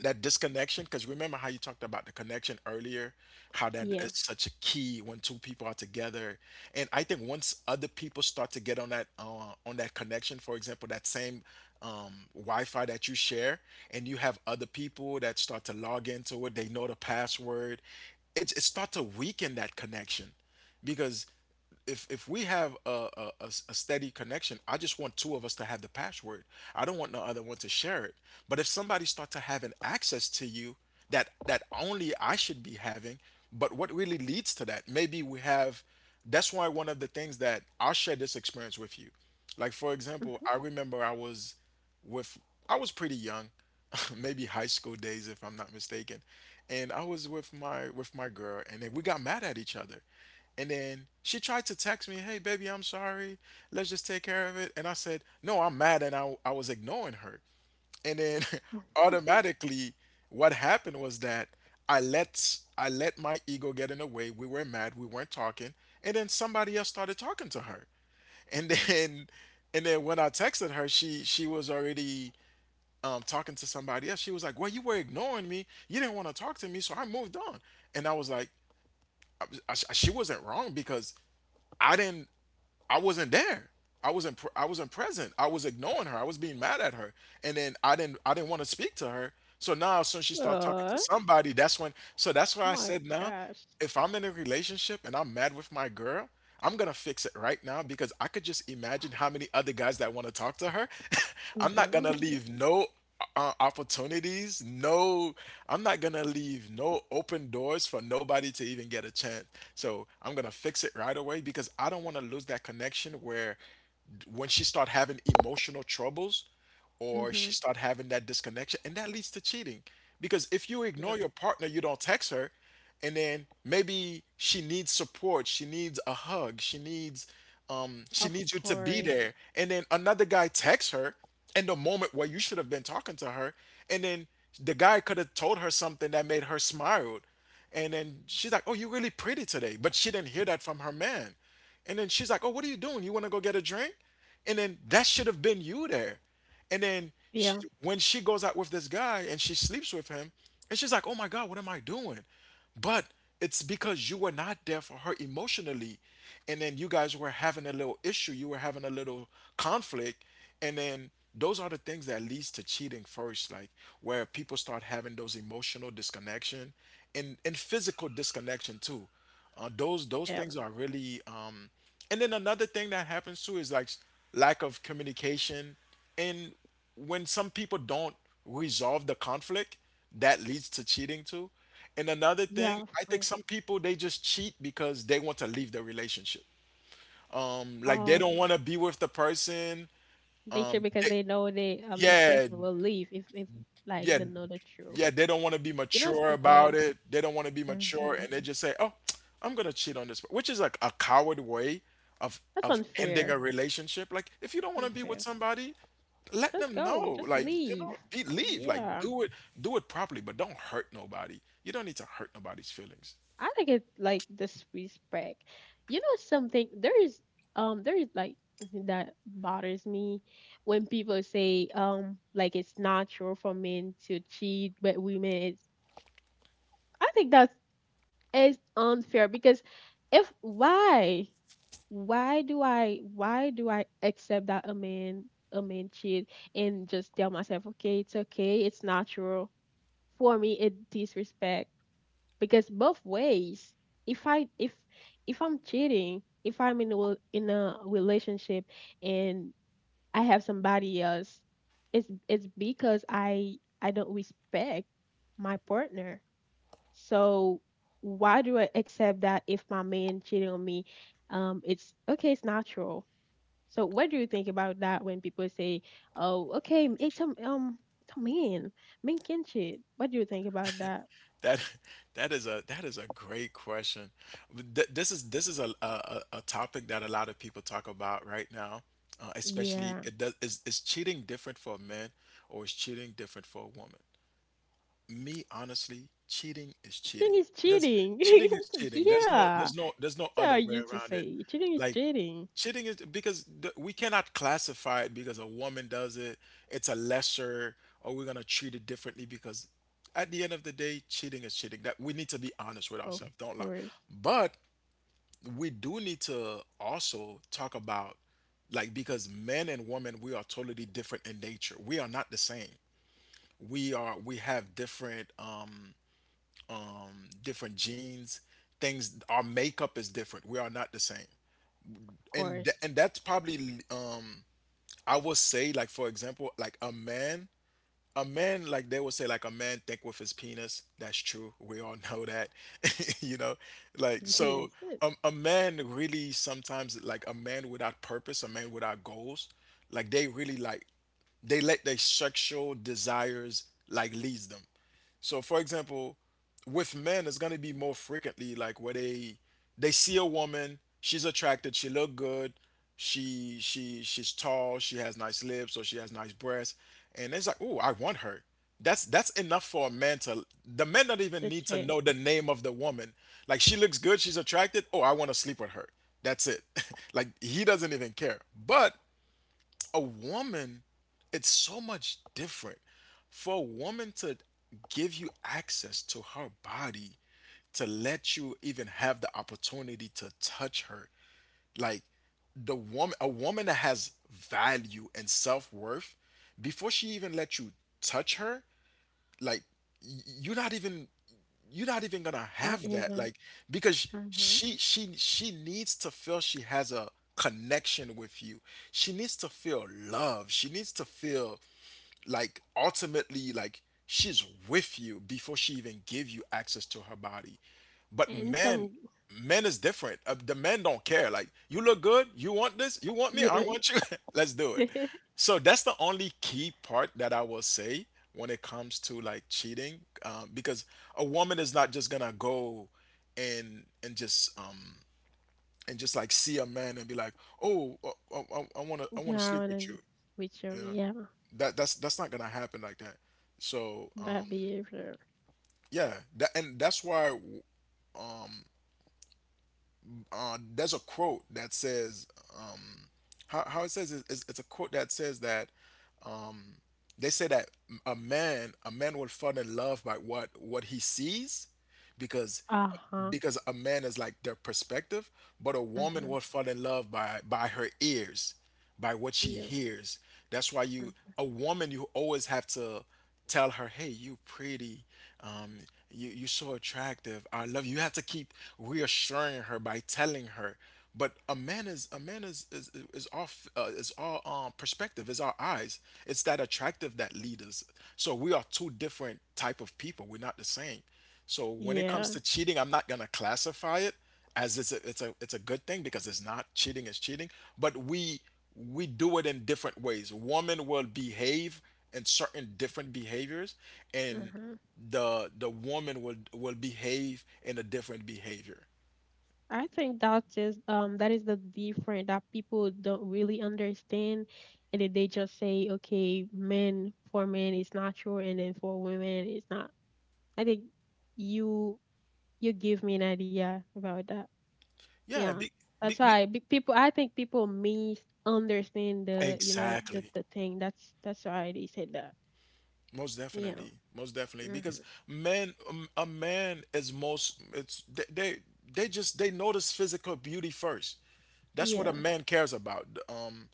[SPEAKER 2] that disconnection, because remember how you talked about the connection earlier, how that
[SPEAKER 1] Yeah.
[SPEAKER 2] is such a key when two people are together. And I think once other people start to get on that connection, for example, that same wi-fi that you share and you have other people that start to log into it, they know the password. It start to weaken that connection because if we have a steady connection, I just want two of us to have the password. I don't want no other one to share it. But if somebody starts to having access to you, that only I should be having. But what really leads to that, maybe we have, that's why one of the things that I'll share this experience with you. Like for example,
[SPEAKER 1] Mhm.
[SPEAKER 2] I remember I was with, I was pretty young, [LAUGHS] maybe high school days if I'm not mistaken. And I was with my girl, and then we got mad at each other. And then she tried to text me, "Hey, baby, I'm sorry. Let's just take care of it." And I said, "No, I'm mad." And I was ignoring her. And then [LAUGHS] automatically, what happened was that I let my ego get in the way. We were mad. We weren't talking. And then somebody else started talking to her. [LAUGHS] And then, and then when I texted her, she was already talking to somebody else. She was like, "Well, you were ignoring me. You didn't want to talk to me. So I moved on." And I was like, she wasn't wrong because I didn't I wasn't there. I wasn't present. I was ignoring her. I was being mad at her, and then I didn't want to speak to her. So now, as soon as she started talking to
[SPEAKER 1] Oh
[SPEAKER 2] somebody, that's when. So that's why I
[SPEAKER 1] my
[SPEAKER 2] said now,
[SPEAKER 1] gosh.
[SPEAKER 2] if I'm in a relationship and I'm mad with my girl, I'm gonna fix it right now because I could just imagine how many other guys that want to talk to her. [LAUGHS] I'm not
[SPEAKER 1] Mhm.
[SPEAKER 2] gonna leave no opportunities. No, I'm not gonna leave no open doors for nobody to even get a chance. So I'm gonna fix it right away because I don't want to lose that connection. Where when she start having emotional troubles, or
[SPEAKER 1] Mhm.
[SPEAKER 2] she start having that disconnection, and that leads to cheating. Because if you
[SPEAKER 1] Yeah.
[SPEAKER 2] ignore your partner, you don't text her, and then maybe she needs support, she needs a hug, she
[SPEAKER 1] Of
[SPEAKER 2] needs you to be
[SPEAKER 1] course.
[SPEAKER 2] there. And then another guy texts her in the moment where you should have been talking to her. And then the guy could have told her something that made her smile, and then she's like, "Oh, you're really pretty today." But she didn't hear that from her man. And then she's like, "Oh, what are you doing? You want to go get a drink?" And then that should have been you there. And then
[SPEAKER 1] Yeah.
[SPEAKER 2] when she goes out with this guy and she sleeps with him, and she's like, "Oh my God, what am I doing?" But it's because you were not there for her emotionally, and then you guys were having a little issue. You were having a little conflict, and then those are the things that leads to cheating first, like where people start having those emotional disconnection, and physical disconnection too. Those
[SPEAKER 1] Yep.
[SPEAKER 2] things are really and then another thing that happens too is like lack of communication. And when some people don't resolve the conflict, that leads to cheating too. And another thing,
[SPEAKER 1] Yeah. Of
[SPEAKER 2] I think
[SPEAKER 1] course.
[SPEAKER 2] some people they just cheat because they want to leave the relationship, like they
[SPEAKER 1] Oh,
[SPEAKER 2] don't want to be with the person.
[SPEAKER 1] they cheat
[SPEAKER 2] um
[SPEAKER 1] because
[SPEAKER 2] they,
[SPEAKER 1] they know they this
[SPEAKER 2] yeah,
[SPEAKER 1] person will leave if like
[SPEAKER 2] yeah,
[SPEAKER 1] they know the truth.
[SPEAKER 2] yeah, they don't want to be
[SPEAKER 1] You know
[SPEAKER 2] mature about
[SPEAKER 1] something.
[SPEAKER 2] it. They don't want to be mature,
[SPEAKER 1] Mhm.
[SPEAKER 2] and they just say, "Oh, I'm gonna cheat on this," which is like a coward way
[SPEAKER 1] That's
[SPEAKER 2] of ending
[SPEAKER 1] unfair.
[SPEAKER 2] a relationship. Like, if you don't want to be with
[SPEAKER 1] Unfair.
[SPEAKER 2] somebody, let
[SPEAKER 1] Just
[SPEAKER 2] them
[SPEAKER 1] go.
[SPEAKER 2] know.
[SPEAKER 1] Just
[SPEAKER 2] Like, you
[SPEAKER 1] leave.
[SPEAKER 2] know, leave. Like,
[SPEAKER 1] Yeah.
[SPEAKER 2] do it properly, but don't hurt nobody. You don't need to hurt nobody's feelings.
[SPEAKER 1] I like it like the Swiss bread. You know something? There is like something that bothers me when people say, like it's natural for men to cheat but women it's I think that's is unfair because if why why do I accept that a man cheat and just tell myself, okay, it's okay, it's natural, for me it disrespect, because both ways if i if I'm cheating, if I'm in a in a relationship and I have somebody else, it's because i don't respect my partner. So why do I accept that if my man cheating on me, it's okay, it's natural. So what do you think about that when people say, oh, okay, it's a man, men can cheat? What do you think about that?
[SPEAKER 2] That [LAUGHS] that is a great question. This is a a topic that a lot of people talk about right now. Especially,
[SPEAKER 1] Yeah.
[SPEAKER 2] it does is cheating different for a man or is cheating different for a woman? Me, honestly, cheating is cheating.
[SPEAKER 1] Cheating is cheating. [LAUGHS]
[SPEAKER 2] There's no
[SPEAKER 1] Yeah.
[SPEAKER 2] there's no
[SPEAKER 1] That's how I
[SPEAKER 2] other way
[SPEAKER 1] used to
[SPEAKER 2] around it.
[SPEAKER 1] say. Cheating is
[SPEAKER 2] Like,
[SPEAKER 1] cheating.
[SPEAKER 2] cheating is because we cannot classify it because a woman does it, it's a lesser, or we're gonna treat it differently because at the end of the day, cheating is cheating. That we need to be honest with
[SPEAKER 1] Of
[SPEAKER 2] ourselves, don't lie.
[SPEAKER 1] course.
[SPEAKER 2] But we do need to also talk about like because men and women, we are totally different in nature. We are not the same. We have different different genes, things. Our makeup is different. We are not the same.
[SPEAKER 1] Of
[SPEAKER 2] And
[SPEAKER 1] course.
[SPEAKER 2] and that's probably I would say, like for example, like a man, like they would say, like a man think with his penis. That's true. We all know that, [LAUGHS] you know. Like
[SPEAKER 1] [LAUGHS]
[SPEAKER 2] so,
[SPEAKER 1] Yes.
[SPEAKER 2] a man really sometimes like a man without purpose, a man without goals, like they really like they let their sexual desires like leads them. So, for example, with men, it's gonna be more frequently like where they see a woman, she's attracted, she look good, she's tall, she has nice lips or she has nice breasts, and it's like, "Oh, I want her." That's enough for a man to. The men don't even
[SPEAKER 1] That's
[SPEAKER 2] need to
[SPEAKER 1] it.
[SPEAKER 2] know the name of the woman. Like she looks good, she's attracted. Oh, I want to sleep with her. That's it. [LAUGHS] like he doesn't even care. But a woman, it's so much different for a woman to give you access to her body, to let you even have the opportunity to touch her. Like the woman, a woman that has value and self worth, before she even let you touch her, like y- you're not even you're not even gonna
[SPEAKER 1] It's not
[SPEAKER 2] have that,
[SPEAKER 1] a
[SPEAKER 2] like because
[SPEAKER 1] Mm-hmm.
[SPEAKER 2] she needs to feel she has a connection with you. She needs to feel love. She needs to feel like ultimately like she's with you before she even give you access to her body. But
[SPEAKER 1] And
[SPEAKER 2] men
[SPEAKER 1] some
[SPEAKER 2] men is different, the men don't care, like you look good, you want this, you want me, I
[SPEAKER 1] you [LAUGHS]
[SPEAKER 2] want you, [LAUGHS] let's do it. So that's the only key part that I will say when it comes to like cheating, because a woman is not just gonna go and just and just like see a man and be like, oh, I want to I want to
[SPEAKER 1] Yeah, I
[SPEAKER 2] sleep with
[SPEAKER 1] wanna
[SPEAKER 2] you.
[SPEAKER 1] with your
[SPEAKER 2] Yeah,
[SPEAKER 1] yeah,
[SPEAKER 2] that's that's not gonna happen like that. So
[SPEAKER 1] bad behavior.
[SPEAKER 2] yeah, that, and that's why there's a quote that says, um, how it says it's a quote that says that they say that a man will fall in love by what he sees, because
[SPEAKER 1] Uh-huh.
[SPEAKER 2] because a man is like their perspective, but a
[SPEAKER 1] Uh
[SPEAKER 2] woman will
[SPEAKER 1] huh.
[SPEAKER 2] fall in love by her ears, by what she
[SPEAKER 1] Yeah.
[SPEAKER 2] hears. That's why you
[SPEAKER 1] Mm,
[SPEAKER 2] a woman, you always have to tell her, "Hey, you pretty. Um, you so attractive. I love you." You have to keep reassuring her by telling her. But a man is all is all perspective. Is our eyes. It's that attractive that lead us. So we are two different type of people. We're not the same. So when it comes to
[SPEAKER 1] yeah.
[SPEAKER 2] cheating, I'm not gonna classify it as it's a good thing, because it's not, cheating is cheating. But we do it in different ways. Women will behave in certain different behaviors,
[SPEAKER 1] Uh
[SPEAKER 2] and
[SPEAKER 1] huh.
[SPEAKER 2] the woman will behave in a different behavior.
[SPEAKER 1] I think that is the difference that people don't really understand, and then they just say, okay, men, for men it's natural, and then for women it's not. I think you you give me an idea about that.
[SPEAKER 2] Yeah,
[SPEAKER 1] Yeah, that's
[SPEAKER 2] be,
[SPEAKER 1] why people. I think people misunderstand the, you know,
[SPEAKER 2] exactly.
[SPEAKER 1] the thing. That's why they said that. Yeah.
[SPEAKER 2] Most definitely,
[SPEAKER 1] Hmm.
[SPEAKER 2] because men, a man is most. It's they just they notice physical beauty first. That's what
[SPEAKER 1] Yeah.
[SPEAKER 2] a man cares about. Um,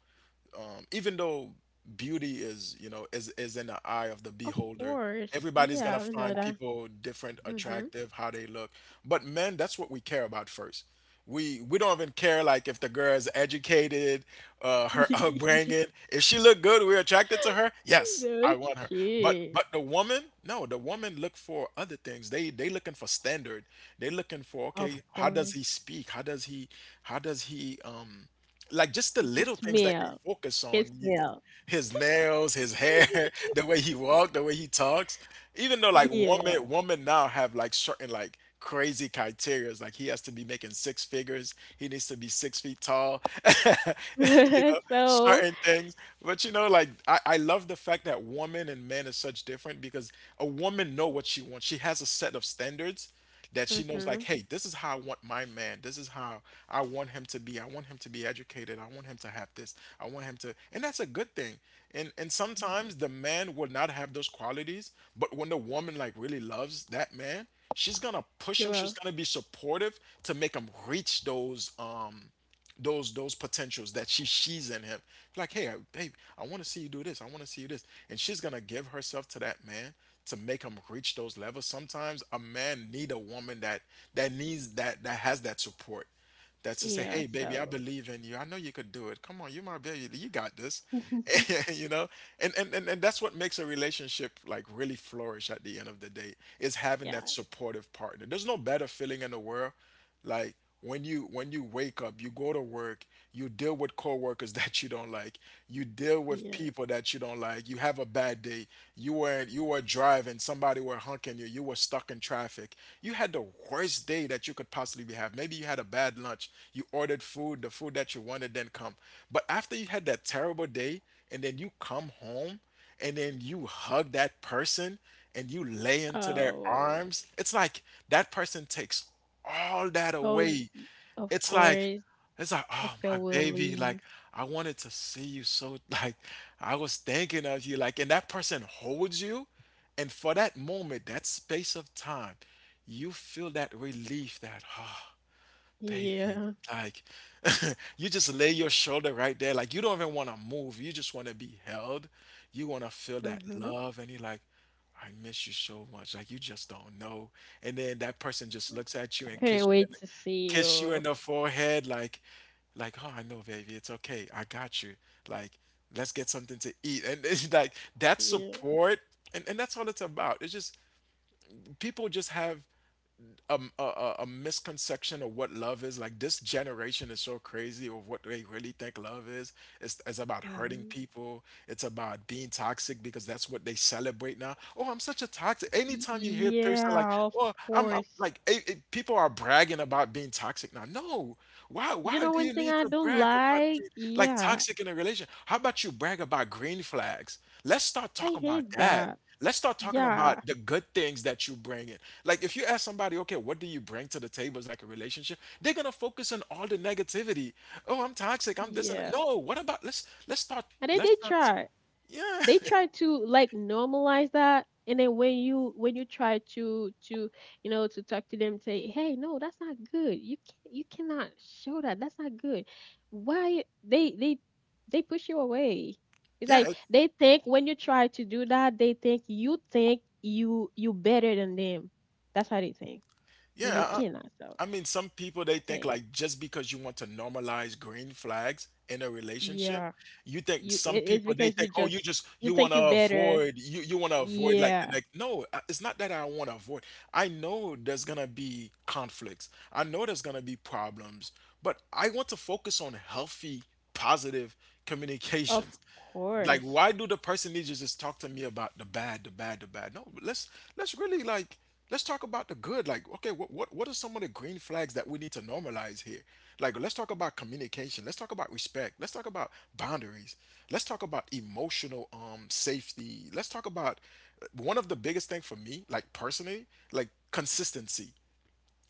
[SPEAKER 2] um, Even though beauty is, you know, is in the eye of the
[SPEAKER 1] Of
[SPEAKER 2] beholder.
[SPEAKER 1] course.
[SPEAKER 2] Everybody's
[SPEAKER 1] Yeah,
[SPEAKER 2] gonna
[SPEAKER 1] I know
[SPEAKER 2] find
[SPEAKER 1] that.
[SPEAKER 2] people different,
[SPEAKER 1] Mm-hmm.
[SPEAKER 2] attractive, how they look. But men, that's what we care about first. We don't even care like if the girl is educated, her [LAUGHS]
[SPEAKER 1] [LAUGHS]
[SPEAKER 2] upbringing. If she look good, we're attracted to her. Yes, I want her. But
[SPEAKER 1] Okay.
[SPEAKER 2] the woman, no, the woman look for other things. They looking for standard. They looking for,
[SPEAKER 1] Of
[SPEAKER 2] okay, how does he
[SPEAKER 1] course.
[SPEAKER 2] speak? How does he like, just the
[SPEAKER 1] There's a
[SPEAKER 2] little things that they
[SPEAKER 1] smell.
[SPEAKER 2] focus
[SPEAKER 1] Can
[SPEAKER 2] on.
[SPEAKER 1] smell.
[SPEAKER 2] His nails, his hair,
[SPEAKER 1] [LAUGHS]
[SPEAKER 2] [LAUGHS] the way he walks, the way he talks. Even though like
[SPEAKER 1] Yeah.
[SPEAKER 2] woman now have like certain like crazy criteria. Like he has to be making six figures. He needs to be 6 feet tall. [LAUGHS] You
[SPEAKER 1] [LAUGHS]
[SPEAKER 2] know,
[SPEAKER 1] So
[SPEAKER 2] certain things. But you know, like I love the fact that woman and man is such different, because a woman know what she wants. She has a set of standards that she knows, like,
[SPEAKER 1] mhm.
[SPEAKER 2] hey, this is how I want my man, this is how I want him to be. I want him to be educated. I want him to have this. I want him to, and that's a good thing. And sometimes the man will not have those qualities, but when the woman like really loves that man, she's gonna push
[SPEAKER 1] You
[SPEAKER 2] him, she's
[SPEAKER 1] will.
[SPEAKER 2] gonna be supportive to make him reach those those potentials that she sees in him. Like, hey, babe, I want to see you do this. I want to see you this, and she's gonna give herself to that man to make him reach those levels. Sometimes a man need a woman that needs that, that has that support. That's to say,
[SPEAKER 1] Yeah,
[SPEAKER 2] hey, baby, I
[SPEAKER 1] so
[SPEAKER 2] believe in you. I know you could do it. Come on, you're my baby. You got this.
[SPEAKER 1] [LAUGHS]
[SPEAKER 2] [LAUGHS] You know, and that's what makes a relationship like really flourish at the end of the day, is having
[SPEAKER 1] yeah,
[SPEAKER 2] that supportive partner. There's no better feeling in the world, like when you wake up, you go to work, you deal with coworkers [LAUGHS] that you don't like, you deal with
[SPEAKER 1] yeah.
[SPEAKER 2] people that you don't like. You have a bad day. You were driving, somebody were honking you, you were stuck in traffic. You had the worst day that you could possibly have. Maybe you had a bad lunch. You ordered food, the food that you wanted didn't come. But after you had that terrible day and then you come home and then you hug that person and you lay into their
[SPEAKER 1] Oh
[SPEAKER 2] arms, it's like that person takes all that
[SPEAKER 1] oh
[SPEAKER 2] away.
[SPEAKER 1] of
[SPEAKER 2] It's like
[SPEAKER 1] course.
[SPEAKER 2] it's like, oh
[SPEAKER 1] We
[SPEAKER 2] my
[SPEAKER 1] will
[SPEAKER 2] baby, like
[SPEAKER 1] leave.
[SPEAKER 2] I wanted to see you so, [LAUGHS] like I was thinking of you. Like, and that person holds you, and for that moment, that space of time, you feel that relief that, oh, baby,
[SPEAKER 1] Yeah.
[SPEAKER 2] like [LAUGHS] you just lay your shoulder right there. Like you don't even want to move. You just want to be held. You want to feel that
[SPEAKER 1] Mm-hmm.
[SPEAKER 2] love. And you're like, I miss you so much. Like you just don't know. And then that person just looks at you and
[SPEAKER 1] Couldn't
[SPEAKER 2] kiss you in
[SPEAKER 1] wait
[SPEAKER 2] the,
[SPEAKER 1] to see
[SPEAKER 2] kiss you
[SPEAKER 1] you.
[SPEAKER 2] in the forehead. Like, oh, I know, baby. It's okay. I got you. Like, let's get something to eat. And [LAUGHS] it's like that
[SPEAKER 1] Yeah.
[SPEAKER 2] support. And, that's all it's about. It's just people just have misconception of what love is. Like this generation is so crazy of what they really think love is. It's about hurting
[SPEAKER 1] Hmm.
[SPEAKER 2] people. It's about being toxic because that's what they celebrate now. Oh, I'm such a toxic. Anytime you hear a person like,
[SPEAKER 1] Yeah, of
[SPEAKER 2] oh, I'm
[SPEAKER 1] course.
[SPEAKER 2] like, people are bragging about being toxic now. No, why?
[SPEAKER 1] You
[SPEAKER 2] Why
[SPEAKER 1] know
[SPEAKER 2] do
[SPEAKER 1] one
[SPEAKER 2] you
[SPEAKER 1] thing
[SPEAKER 2] need
[SPEAKER 1] I
[SPEAKER 2] to
[SPEAKER 1] don't
[SPEAKER 2] brag about
[SPEAKER 1] like?
[SPEAKER 2] being like
[SPEAKER 1] Yeah.
[SPEAKER 2] toxic in a relation? How about you brag about green flags? Let's start
[SPEAKER 1] I
[SPEAKER 2] talking about
[SPEAKER 1] hate
[SPEAKER 2] that.
[SPEAKER 1] that.
[SPEAKER 2] Let's start talking about
[SPEAKER 1] Yeah.
[SPEAKER 2] the good things that you bring in. Like if you ask somebody, okay, what do you bring to the table as like a relationship? They're gonna focus on all the negativity. Oh, I'm toxic. I'm this and that."
[SPEAKER 1] Yeah.
[SPEAKER 2] No. What about let's start
[SPEAKER 1] And then
[SPEAKER 2] let's
[SPEAKER 1] they
[SPEAKER 2] start.
[SPEAKER 1] try.
[SPEAKER 2] Yeah,
[SPEAKER 1] They try to like normalize that. And then when you try to you know to talk to them, say, hey, no, that's not good. You cannot show that. That's not good. Why they they push you away.
[SPEAKER 2] [LAUGHS]
[SPEAKER 1] It's
[SPEAKER 2] yeah.
[SPEAKER 1] like they think when you try to do that, they think you you better than them. That's how they think. And you
[SPEAKER 2] Yeah,
[SPEAKER 1] cannot. So
[SPEAKER 2] I mean, some people they
[SPEAKER 1] I
[SPEAKER 2] think
[SPEAKER 1] think
[SPEAKER 2] like just because you want to normalize green flags in a relationship,
[SPEAKER 1] yeah,
[SPEAKER 2] you think
[SPEAKER 1] you
[SPEAKER 2] some
[SPEAKER 1] it's
[SPEAKER 2] people they
[SPEAKER 1] because you
[SPEAKER 2] think, oh, you
[SPEAKER 1] just
[SPEAKER 2] just
[SPEAKER 1] you
[SPEAKER 2] you want
[SPEAKER 1] think
[SPEAKER 2] to
[SPEAKER 1] you better.
[SPEAKER 2] avoid you want to avoid like the
[SPEAKER 1] Yeah.
[SPEAKER 2] next. No, it's not that I want to avoid. I know there's gonna be conflicts. I know there's gonna be problems, but I want to focus on healthy, positive
[SPEAKER 1] Of
[SPEAKER 2] communications. Like why
[SPEAKER 1] course.
[SPEAKER 2] do the person need to just talk to me about the bad, no, let's really, like, let's talk about the good. Like, okay, what are some of the green flags that we need to normalize here? Like, let's talk about communication. Let's talk about respect. Let's talk about boundaries. Let's talk about emotional safety. Let's talk about one of the biggest thing for me, like personally, like consistency.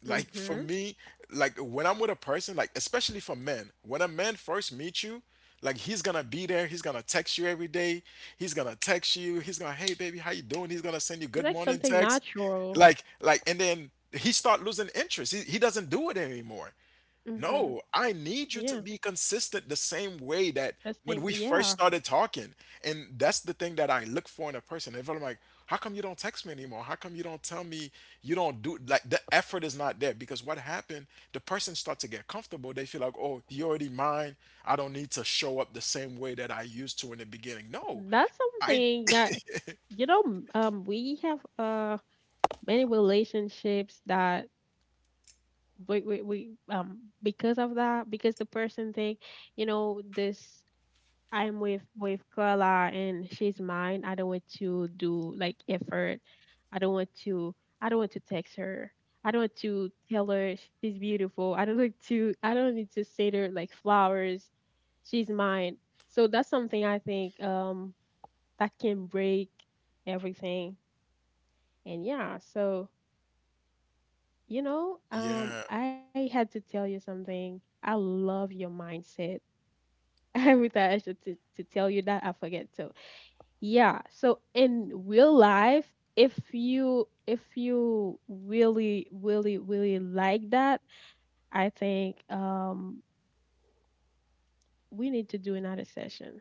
[SPEAKER 2] Like for
[SPEAKER 1] Mhm.
[SPEAKER 2] me, like when I'm with a person, like especially for men, when a man first meets you, like he's gonna be there, he's gonna text you every day, he's gonna text you, he's gonna, hey baby, how you doing, he's gonna send you
[SPEAKER 1] It's
[SPEAKER 2] good
[SPEAKER 1] like
[SPEAKER 2] morning
[SPEAKER 1] something
[SPEAKER 2] text,
[SPEAKER 1] natural.
[SPEAKER 2] like, and then he start losing interest. He doesn't do it anymore.
[SPEAKER 1] Mhm.
[SPEAKER 2] No, I need you to
[SPEAKER 1] Yeah.
[SPEAKER 2] be consistent the same way that
[SPEAKER 1] That's
[SPEAKER 2] when
[SPEAKER 1] same.
[SPEAKER 2] we first
[SPEAKER 1] Yeah.
[SPEAKER 2] started talking. And that's the thing that I look for in a person. If I'm like, how come you don't text me anymore? How come you don't tell me, you don't do, like the effort is not there? Because what happened, the person starts to get comfortable. They feel like, oh, you already mine. I don't need to show up the same way that I used to in the beginning. No.
[SPEAKER 1] That's
[SPEAKER 2] I,
[SPEAKER 1] something that you know. We have many relationships that we because of that, because the person think, you know, this, I'm with Carla and she's mine. I don't want to do like effort. I don't want to I don't want to text her. I don't want to tell her she's beautiful. I don't need to say to her like flowers. She's mine. So that's something I think that can break everything. And yeah, so you know,
[SPEAKER 2] yeah,
[SPEAKER 1] I had to tell you something. I love your mindset. [LAUGHS] Every time I should to tell you that I forget too. Yeah, so in real life, if you really really like that, I think we need to do another session.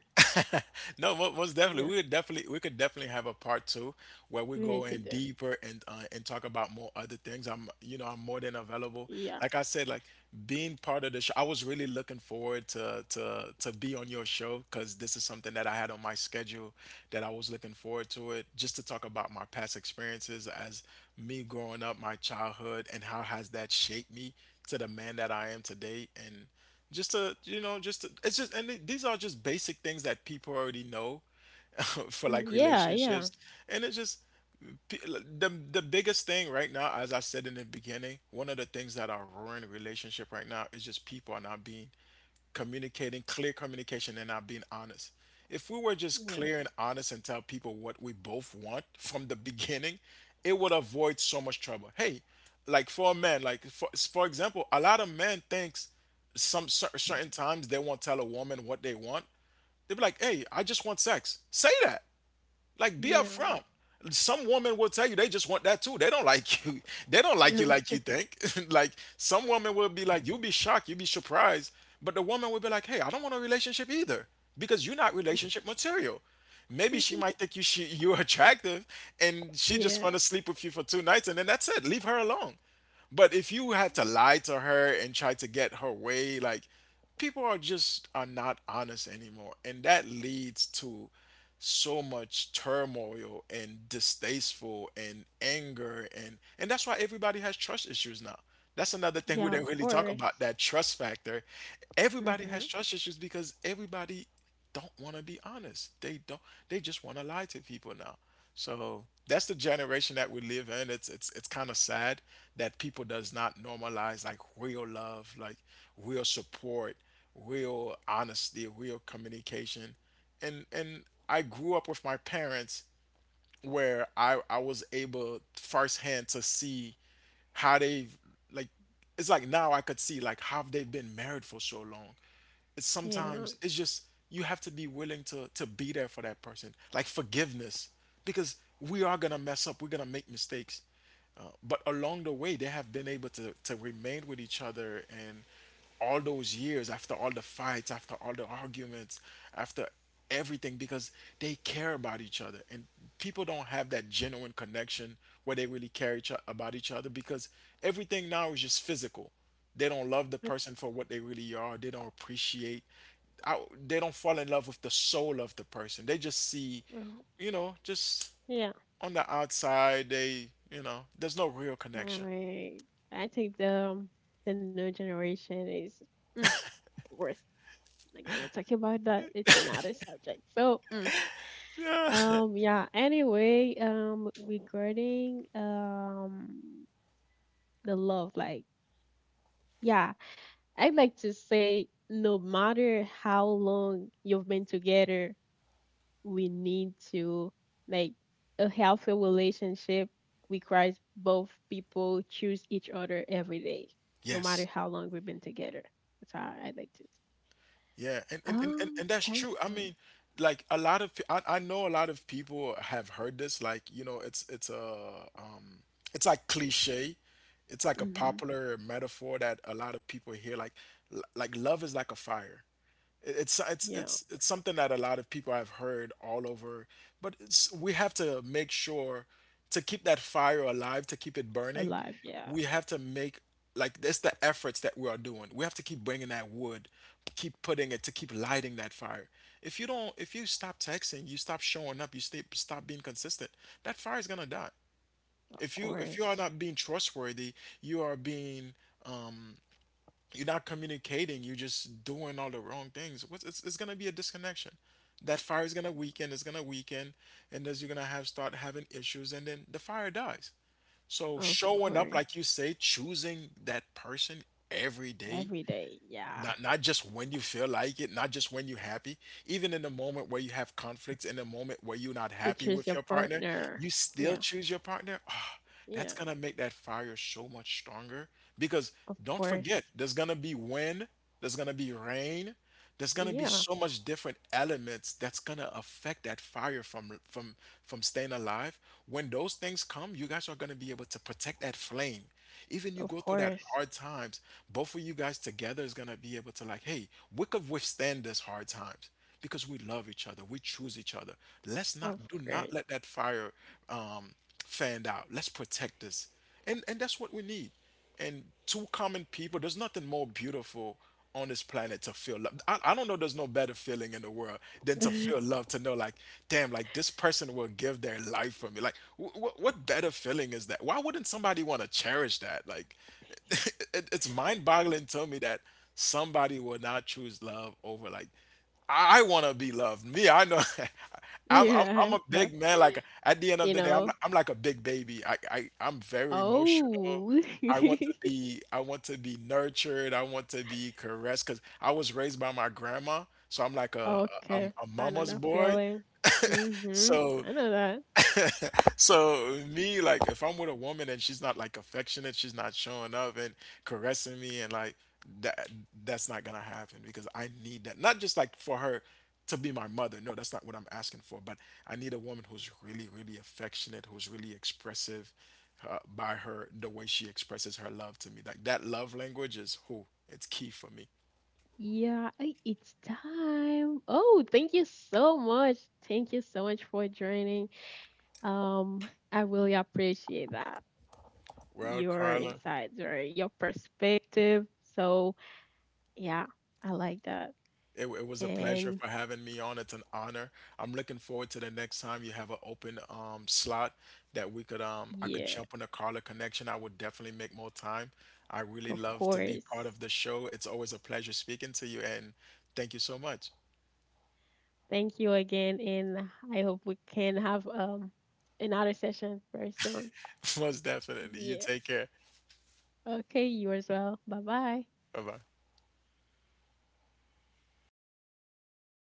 [SPEAKER 2] no, most definitely.
[SPEAKER 1] Yeah,
[SPEAKER 2] We would definitely, we could definitely have a part two where we
[SPEAKER 1] we need
[SPEAKER 2] go
[SPEAKER 1] to
[SPEAKER 2] in
[SPEAKER 1] do.
[SPEAKER 2] deeper and, and talk about more other things. I'm, you know, I'm more than available.
[SPEAKER 1] Yeah.
[SPEAKER 2] Like I said, like being part of the show, I was really looking forward to be on your show because this is something that I had on my schedule that I was looking forward to it just to talk about my past experiences as me growing up, my childhood, and how has that shaped me to the man that I am today and just to, it's just and these are just basic things that people already know [LAUGHS] for
[SPEAKER 1] Mhm.
[SPEAKER 2] like
[SPEAKER 1] Yeah, yeah.
[SPEAKER 2] relationships and it's just p- the biggest thing right now as I said in the beginning, one of the things that are ruining relationship right now is just people are not being communicating, clear communication, and not being honest. If we were just
[SPEAKER 1] Yeah.
[SPEAKER 2] clear and honest and tell people what we both want from the beginning, it would avoid so much trouble. Hey, like for a man, like for example, a lot of men thinks some certain times they won't tell a woman what they want. They be like, "Hey, I just want sex." Say that. Like be
[SPEAKER 1] Yeah.
[SPEAKER 2] upfront. Some women will tell you they just want that too. They don't like you. [LAUGHS] They don't
[SPEAKER 1] Yeah.
[SPEAKER 2] like you think. [LAUGHS] Like some woman will be like, you'll be shocked, you'll be surprised. But the woman will be like, hey, I don't want a relationship either because you're not relationship material. Maybe she might
[SPEAKER 1] [LAUGHS]
[SPEAKER 2] think you're [LAUGHS] attractive and she just
[SPEAKER 1] Yeah.
[SPEAKER 2] want to sleep with you for two nights and then that's it. Leave her alone. But if you have to lie to her and try to get her way, like people are just are not honest anymore, and that leads to so much turmoil and distasteful and anger and that's why everybody has trust issues now. That's another thing we
[SPEAKER 1] Yeah,
[SPEAKER 2] didn't
[SPEAKER 1] of
[SPEAKER 2] really talk
[SPEAKER 1] course.
[SPEAKER 2] about, that trust factor. Everybody
[SPEAKER 1] Mhm.
[SPEAKER 2] has trust issues because everybody don't want to be honest. They don't. They just want to lie to people now. So that's the generation that we live in. It's kind of sad that people does not normalize like real love, like real support, real honesty, real communication. And I grew up with my parents where I was able firsthand to see how they, like, it's like now I could see like how they've been married for so long. It's
[SPEAKER 1] Yeah.
[SPEAKER 2] sometimes it's just you have to be willing to be there for that person. Like forgiveness because we are going to mess up. We're going to make mistakes. But along the way they have been able to remain with each other and all those years after all the fights after all the arguments after everything because they care about each other and people don't have that genuine connection where they really care each about each other because everything now is just physical. They don't love the
[SPEAKER 1] But,
[SPEAKER 2] person for what they really are. They don't appreciate I, they don't fall in love with the soul of the person. They just see,
[SPEAKER 1] mhm.
[SPEAKER 2] you know, just
[SPEAKER 1] Yeah.
[SPEAKER 2] on the outside. They, you know, there's no real
[SPEAKER 1] All
[SPEAKER 2] connection.
[SPEAKER 1] right. I think the new generation is mm, the worst. Not gonna talk about that. It's another subject. So, mm,
[SPEAKER 2] Yeah.
[SPEAKER 1] yeah. Anyway, regarding the love, like, yeah, I'd like to say, no matter how long you've been together, we need to like a healthy relationship requires both people choose each other every day,
[SPEAKER 2] [LAUGHS]
[SPEAKER 1] no matter
[SPEAKER 2] Yes.
[SPEAKER 1] how long we've been together. That's how I like to.
[SPEAKER 2] Yeah, and, and, and, and and that's
[SPEAKER 1] Time
[SPEAKER 2] true. I
[SPEAKER 1] flies.
[SPEAKER 2] mean, like a lot of I know a lot of people have heard this. Like you know, it's a it's like cliche. It's like a
[SPEAKER 1] Mm-hmm.
[SPEAKER 2] popular metaphor that a lot of people hear. Like like love is like a fire. It's it's
[SPEAKER 1] Yeah.
[SPEAKER 2] it's it's something that a lot of people have heard all over, but it's, we have to make sure to keep that fire alive, to keep it burning.
[SPEAKER 1] Alive, yeah,
[SPEAKER 2] We have to make, like, that's the efforts that we are doing. We have to keep bringing that wood, keep putting it to keep lighting that fire. If you don't, if you stop texting, you stop showing up, you stay, stop being consistent. That fire is gonna die.
[SPEAKER 1] of
[SPEAKER 2] If you are
[SPEAKER 1] course.
[SPEAKER 2] not being trustworthy, you are being um, you're not communicating, you're just doing all the wrong things. It's going to be a disconnection. That fire is going to weaken. It's going to weaken, and as you're going to have start having issues and then the fire dies. So
[SPEAKER 1] Of
[SPEAKER 2] showing up,
[SPEAKER 1] course.
[SPEAKER 2] like you say, choosing that person every day,
[SPEAKER 1] Every day, yeah.
[SPEAKER 2] not not just when you feel like it, not just when you're happy, even in the moment where you have conflicts, in the moment where you're not
[SPEAKER 1] You
[SPEAKER 2] happy
[SPEAKER 1] choose
[SPEAKER 2] with
[SPEAKER 1] your
[SPEAKER 2] your partner,
[SPEAKER 1] partner.
[SPEAKER 2] you still
[SPEAKER 1] Yeah,
[SPEAKER 2] choose your partner. Ah, that's
[SPEAKER 1] yeah,
[SPEAKER 2] gonna make that fire so much stronger because
[SPEAKER 1] of
[SPEAKER 2] don't forget,
[SPEAKER 1] course.
[SPEAKER 2] there's gonna be wind, there's gonna be rain, there's gonna be
[SPEAKER 1] Yeah,
[SPEAKER 2] so much different elements that's gonna affect that fire from staying alive. When those things come, you guys are gonna be able to protect that flame. Even you
[SPEAKER 1] of
[SPEAKER 2] go through that
[SPEAKER 1] course.
[SPEAKER 2] hard times, both of you guys together is gonna be able to, like, hey, we could withstand this hard times because we love each other, we choose each other. Let's
[SPEAKER 1] Of
[SPEAKER 2] not do not
[SPEAKER 1] course.
[SPEAKER 2] let that fire um, fanned out. Let's protect this, and that's what we need. And two common people, there's nothing more beautiful on this planet to feel love. I don't know, there's no better feeling in the world than to
[SPEAKER 1] [LAUGHS]
[SPEAKER 2] feel love, to know, like, damn, like this person will give their life for me, like what better feeling is that? Why wouldn't somebody want to cherish that, like [LAUGHS] it's mind-boggling to me that somebody will not choose love over, like, I want to be loved. Me, I know. [LAUGHS] I'm
[SPEAKER 1] Yeah,
[SPEAKER 2] I'm a
[SPEAKER 1] so,
[SPEAKER 2] big man. Like at the end of
[SPEAKER 1] you
[SPEAKER 2] the day,
[SPEAKER 1] know.
[SPEAKER 2] I'm like a big baby. I I'm very emotional.
[SPEAKER 1] Oh.
[SPEAKER 2] I want to be, I want to be nurtured. I want to be caressed because I was raised by my grandma, so I'm like
[SPEAKER 1] [LAUGHS]
[SPEAKER 2] a
[SPEAKER 1] Okay.
[SPEAKER 2] a
[SPEAKER 1] I know
[SPEAKER 2] mama's
[SPEAKER 1] that
[SPEAKER 2] boy.
[SPEAKER 1] feeling. Mm-hmm.
[SPEAKER 2] So
[SPEAKER 1] I know that.
[SPEAKER 2] so me, like, if I'm with a woman and she's not like affectionate, she's not showing up and caressing me, and like that, that's not gonna happen because I need that. Not just like for her to be my mother. No, that's not what I'm asking for. But I need a woman who's really, really affectionate, who's really expressive by her the way she expresses her love to me. Like that love language is who it's key for me.
[SPEAKER 1] Yeah, it's time. Oh, thank you so much. Thank you so much for joining. I really appreciate that.
[SPEAKER 2] Well,
[SPEAKER 1] Your
[SPEAKER 2] Carla.
[SPEAKER 1] insights or your perspective. So, yeah, I like that.
[SPEAKER 2] It was a pleasure
[SPEAKER 1] And
[SPEAKER 2] for having me on. It's an honor. I'm looking forward to the next time you have an open slot that we could I could
[SPEAKER 1] yeah,
[SPEAKER 2] jump on a caller connection. I would definitely make more time. I really
[SPEAKER 1] of
[SPEAKER 2] love to be part
[SPEAKER 1] course.
[SPEAKER 2] of the show. It's always a pleasure speaking to you, and thank you so much.
[SPEAKER 1] Thank you again. And I hope we can have another session very soon.
[SPEAKER 2] [LAUGHS] Most definitely. You
[SPEAKER 1] Yeah.
[SPEAKER 2] take care.
[SPEAKER 1] Okay, you as well. Bye bye.
[SPEAKER 2] Bye bye.